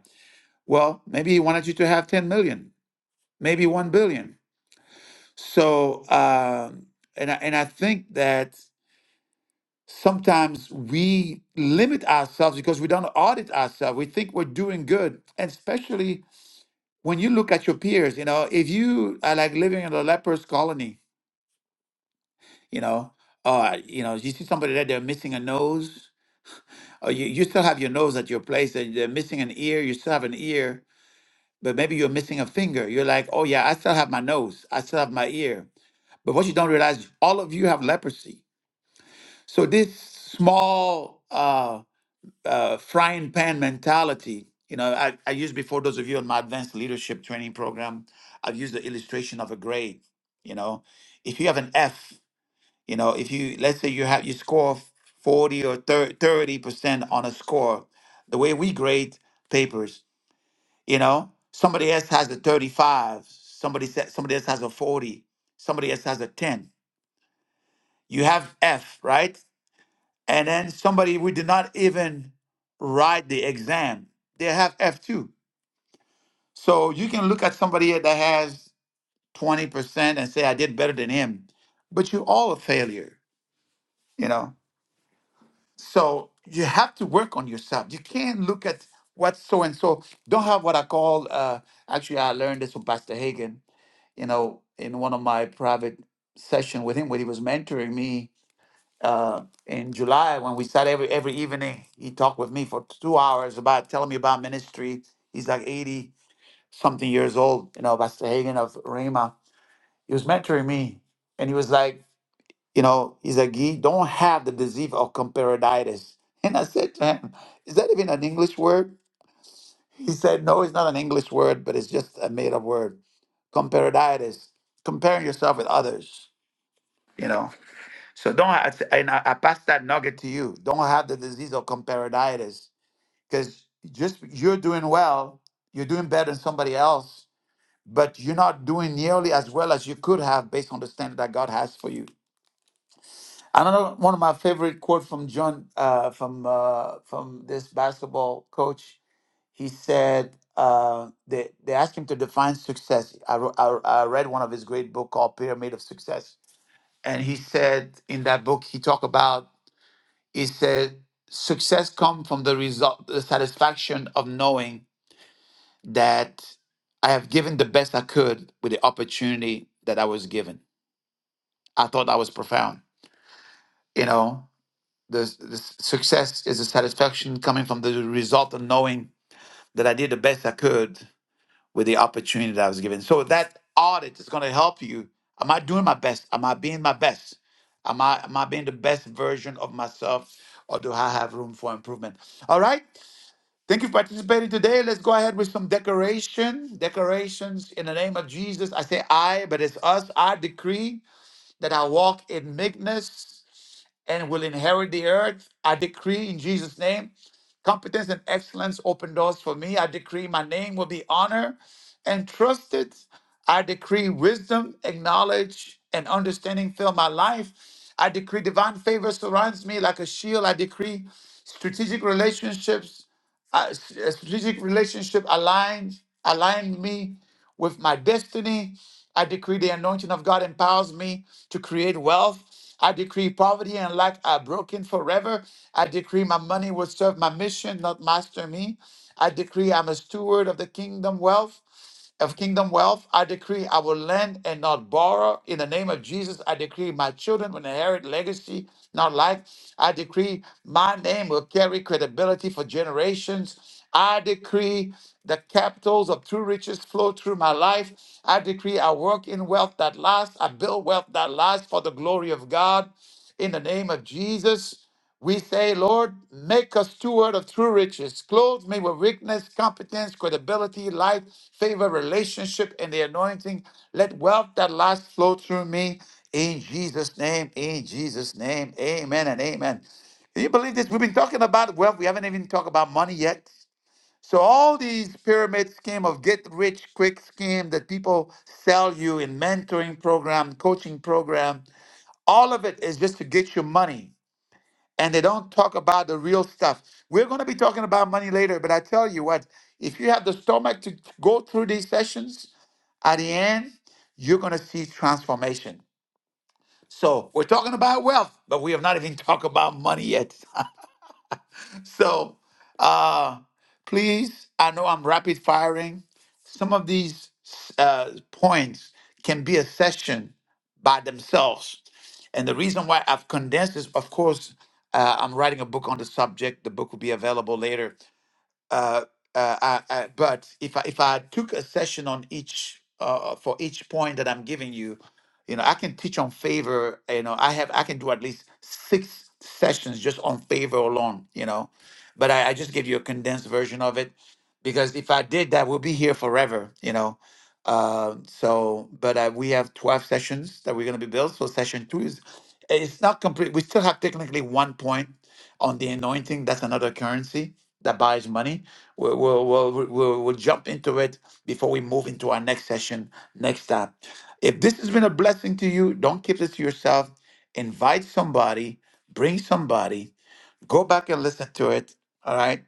well maybe he wanted you to have ten million maybe one billion so um and I, and I think that sometimes we limit ourselves because we don't audit ourselves. We think we're doing good, and especially when you look at your peers. You know, if you are like living in a leper's colony, you know, uh, you know, you see somebody that they're missing a nose, or you, you still have your nose at your place, and they're missing an ear. You still have an ear, but maybe you're missing a finger. You're like, oh yeah, I still have my nose. I still have my ear. But what you don't realize, all of you have leprosy. So this small. uh uh, frying pan mentality. You know, I, I used before those of you on my advanced leadership training program, I've used the illustration of a grade. You know, if you have an F, you know, if you let's say you have you score 40 or 30 percent on a score, the way we grade papers, you know, somebody else has a 35, somebody sa- somebody else has a 40, somebody else has a 10. You have F, right? and then somebody who did not even write the exam, they have F2. So you can look at somebody that has 20% and say, I did better than him, but you're all a failure, you know? So you have to work on yourself. You can't look at what so and so don't have what I call, uh, actually, I learned this from Pastor Hagen. you know, in one of my private session with him when he was mentoring me uh, in July when we sat every every evening. He talked with me for two hours about telling me about ministry. He's like eighty something years old, you know, Pastor Hagen of Rhema. He was mentoring me, and he was like, you know, he's like, "You don't have the disease of comparaditis." *laughs* And I said to him, "Is that even an English word?" He said, "No, it's not an English word, but it's just a made-up word. Comparaditis, comparing yourself with others." You know, So don't I, th- and I, I pass that nugget to you. Don't have the disease of comparatitis because just you're doing well, you're doing better than somebody else, but you're not doing nearly as well as you could have based on the standard that God has for you. Another one of my favorite quote from John uh, from uh, from this basketball coach. He said uh, they they asked him to define success. I, wrote, I I read one of his great book called Pyramid of Success, and he said in that book he talked about He said, success comes from the result, the satisfaction of knowing that I have given the best I could with the opportunity that I was given. I thought that was profound. You know, the, the success is a satisfaction coming from the result of knowing that I did the best I could with the opportunity that I was given. So that audit is going to help you. Am I doing my best? Am I being my best? Am I am I being the best version of myself, or do I have room for improvement? All right. Thank you for participating today. Let's go ahead with some decoration. Decorations in the name of Jesus. I say I, but it's us. I decree that I walk in meekness and will inherit the earth. I decree in Jesus' name, competence and excellence open doors for me. I decree my name will be honored and trusted. I decree wisdom, and knowledge, and understanding fill my life. I decree divine favor surrounds me like a shield. I decree strategic relationships, uh, s- uh, strategic relationship aligns align me with my destiny. I decree the anointing of God empowers me to create wealth. I decree poverty and lack are broken forever. I decree my money will serve my mission, not master me. I decree I'm a steward of the kingdom wealth of kingdom wealth. I decree I will lend and not borrow. In the name of Jesus, I decree my children will inherit legacy, not life. I decree my name will carry credibility for generations. I decree the capitals of true riches flow through my life. I decree I work in wealth that lasts. I build wealth that lasts for the glory of God. In the name of Jesus. We say, Lord, make us steward of true riches. Clothe me with weakness, competence, credibility, life, favor, relationship, and the anointing. Let wealth that lasts flow through me. In Jesus' name, in Jesus' name, amen and amen. Can you believe this? We've been talking about wealth. We haven't even talked about money yet. So all these pyramid scheme of get rich quick scheme that people sell you in mentoring program, coaching program, all of it is just to get you money and they don't talk about the real stuff. We're going to be talking about money later, but I tell you what, if you have the stomach to go through these sessions, at the end, you're going to see transformation. So we're talking about wealth, but we have not even *laughs* talked about money yet. *laughs* so uh please i know i'm rapid firing some of these uh points can be a session by themselves and the reason why i've condensed is of course uh, i'm writing a book on the subject the book will be available later uh, uh, I, I, but if I, if I took a session on each uh, for each point that I'm giving you, you know, I can teach on favor. You know, I have I can do at least six sessions just on favor alone. You know, but I, I just gave you a condensed version of it because if I did that, we'll be here forever. You know. Uh, so, but uh, we have 12 sessions that we're going to be built. So, session two is it's not complete. We still have technically one point on the anointing. That's another currency that buys money. We'll, we'll, we'll, we'll, we'll jump into it before we move into our next session next time. If this has been a blessing to you, don't keep this to yourself. Invite somebody, bring somebody, go back and listen to it. All right.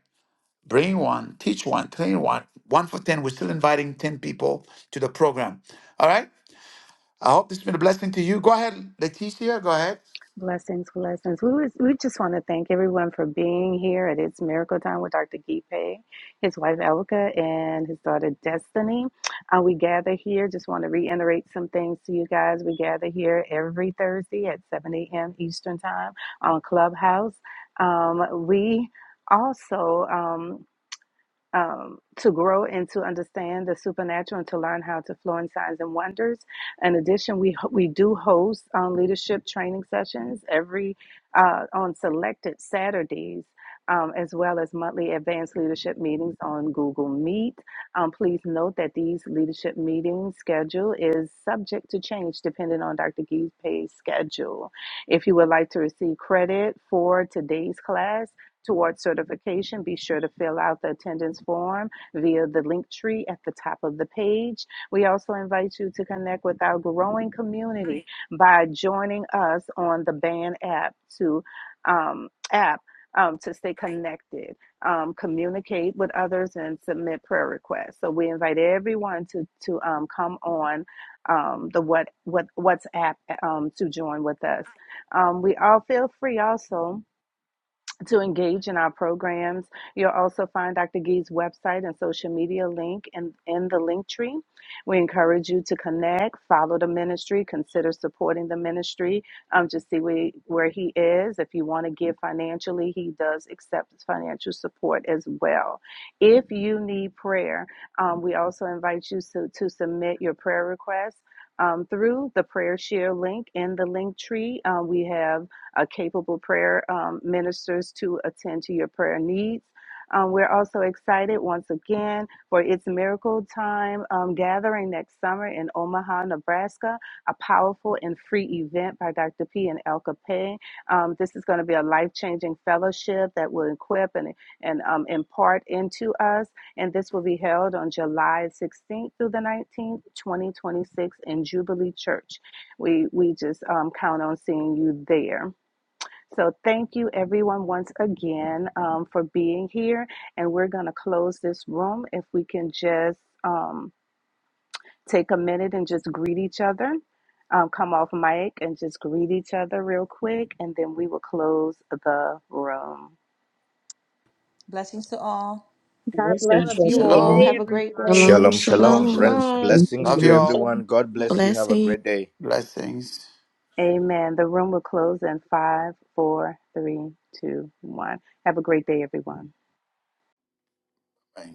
Bring one, teach one, train one. One for 10. We're still inviting 10 people to the program. All right. I hope this has been a blessing to you. Go ahead, Leticia. Go ahead. Blessings, blessings. We was, we just want to thank everyone for being here at It's Miracle Time with Dr. Gipe, his wife Elka, and his daughter Destiny. Uh, we gather here. Just want to reiterate some things to you guys. We gather here every Thursday at 7 a.m. Eastern Time on Clubhouse. Um, we also um, um, to grow and to understand the supernatural and to learn how to flow in signs and wonders. In addition, we we do host um, leadership training sessions every uh, on selected Saturdays. Um, as well as monthly advanced leadership meetings on Google Meet. Um, please note that these leadership meeting schedule is subject to change depending on Dr. Gee's pay schedule. If you would like to receive credit for today's class, Towards certification, be sure to fill out the attendance form via the link tree at the top of the page. We also invite you to connect with our growing community by joining us on the Band app to um, app um, to stay connected, um, communicate with others, and submit prayer requests. So we invite everyone to to um, come on um, the what what WhatsApp um, to join with us. Um, we all feel free also to engage in our programs. You'll also find Dr. Gee's website and social media link in, in the link tree. We encourage you to connect, follow the ministry, consider supporting the ministry. Um, just see where, where he is. If you want to give financially, he does accept financial support as well. If you need prayer, um, we also invite you to, to submit your prayer requests. um, through the prayer share link in the link tree, Uh, we have uh, capable prayer um, ministers to attend to your prayer needs. Um, we're also excited once again for its Miracle Time um, gathering next summer in Omaha, Nebraska, a powerful and free event by Dr. P and Elka Pay. Um, this is going to be a life changing fellowship that will equip and, and um, impart into us. And this will be held on July 16th through the 19th, 2026, in Jubilee Church. We, we just um, count on seeing you there. So, thank you everyone once again um, for being here. And we're going to close this room. If we can just um, take a minute and just greet each other, um, come off mic and just greet each other real quick, and then we will close the room. Blessings to all. God bless Have Blessings, a you beautiful all. everyone. day, Have Shalom. a great everyone. Shalom, day. Shalom, shalom. Bless- shalom. Blessings Love to you all. So. everyone. God bless you. Have a great day. Blessings. Amen. The room will close in five, four, three, two, one. Have a great day, everyone. pain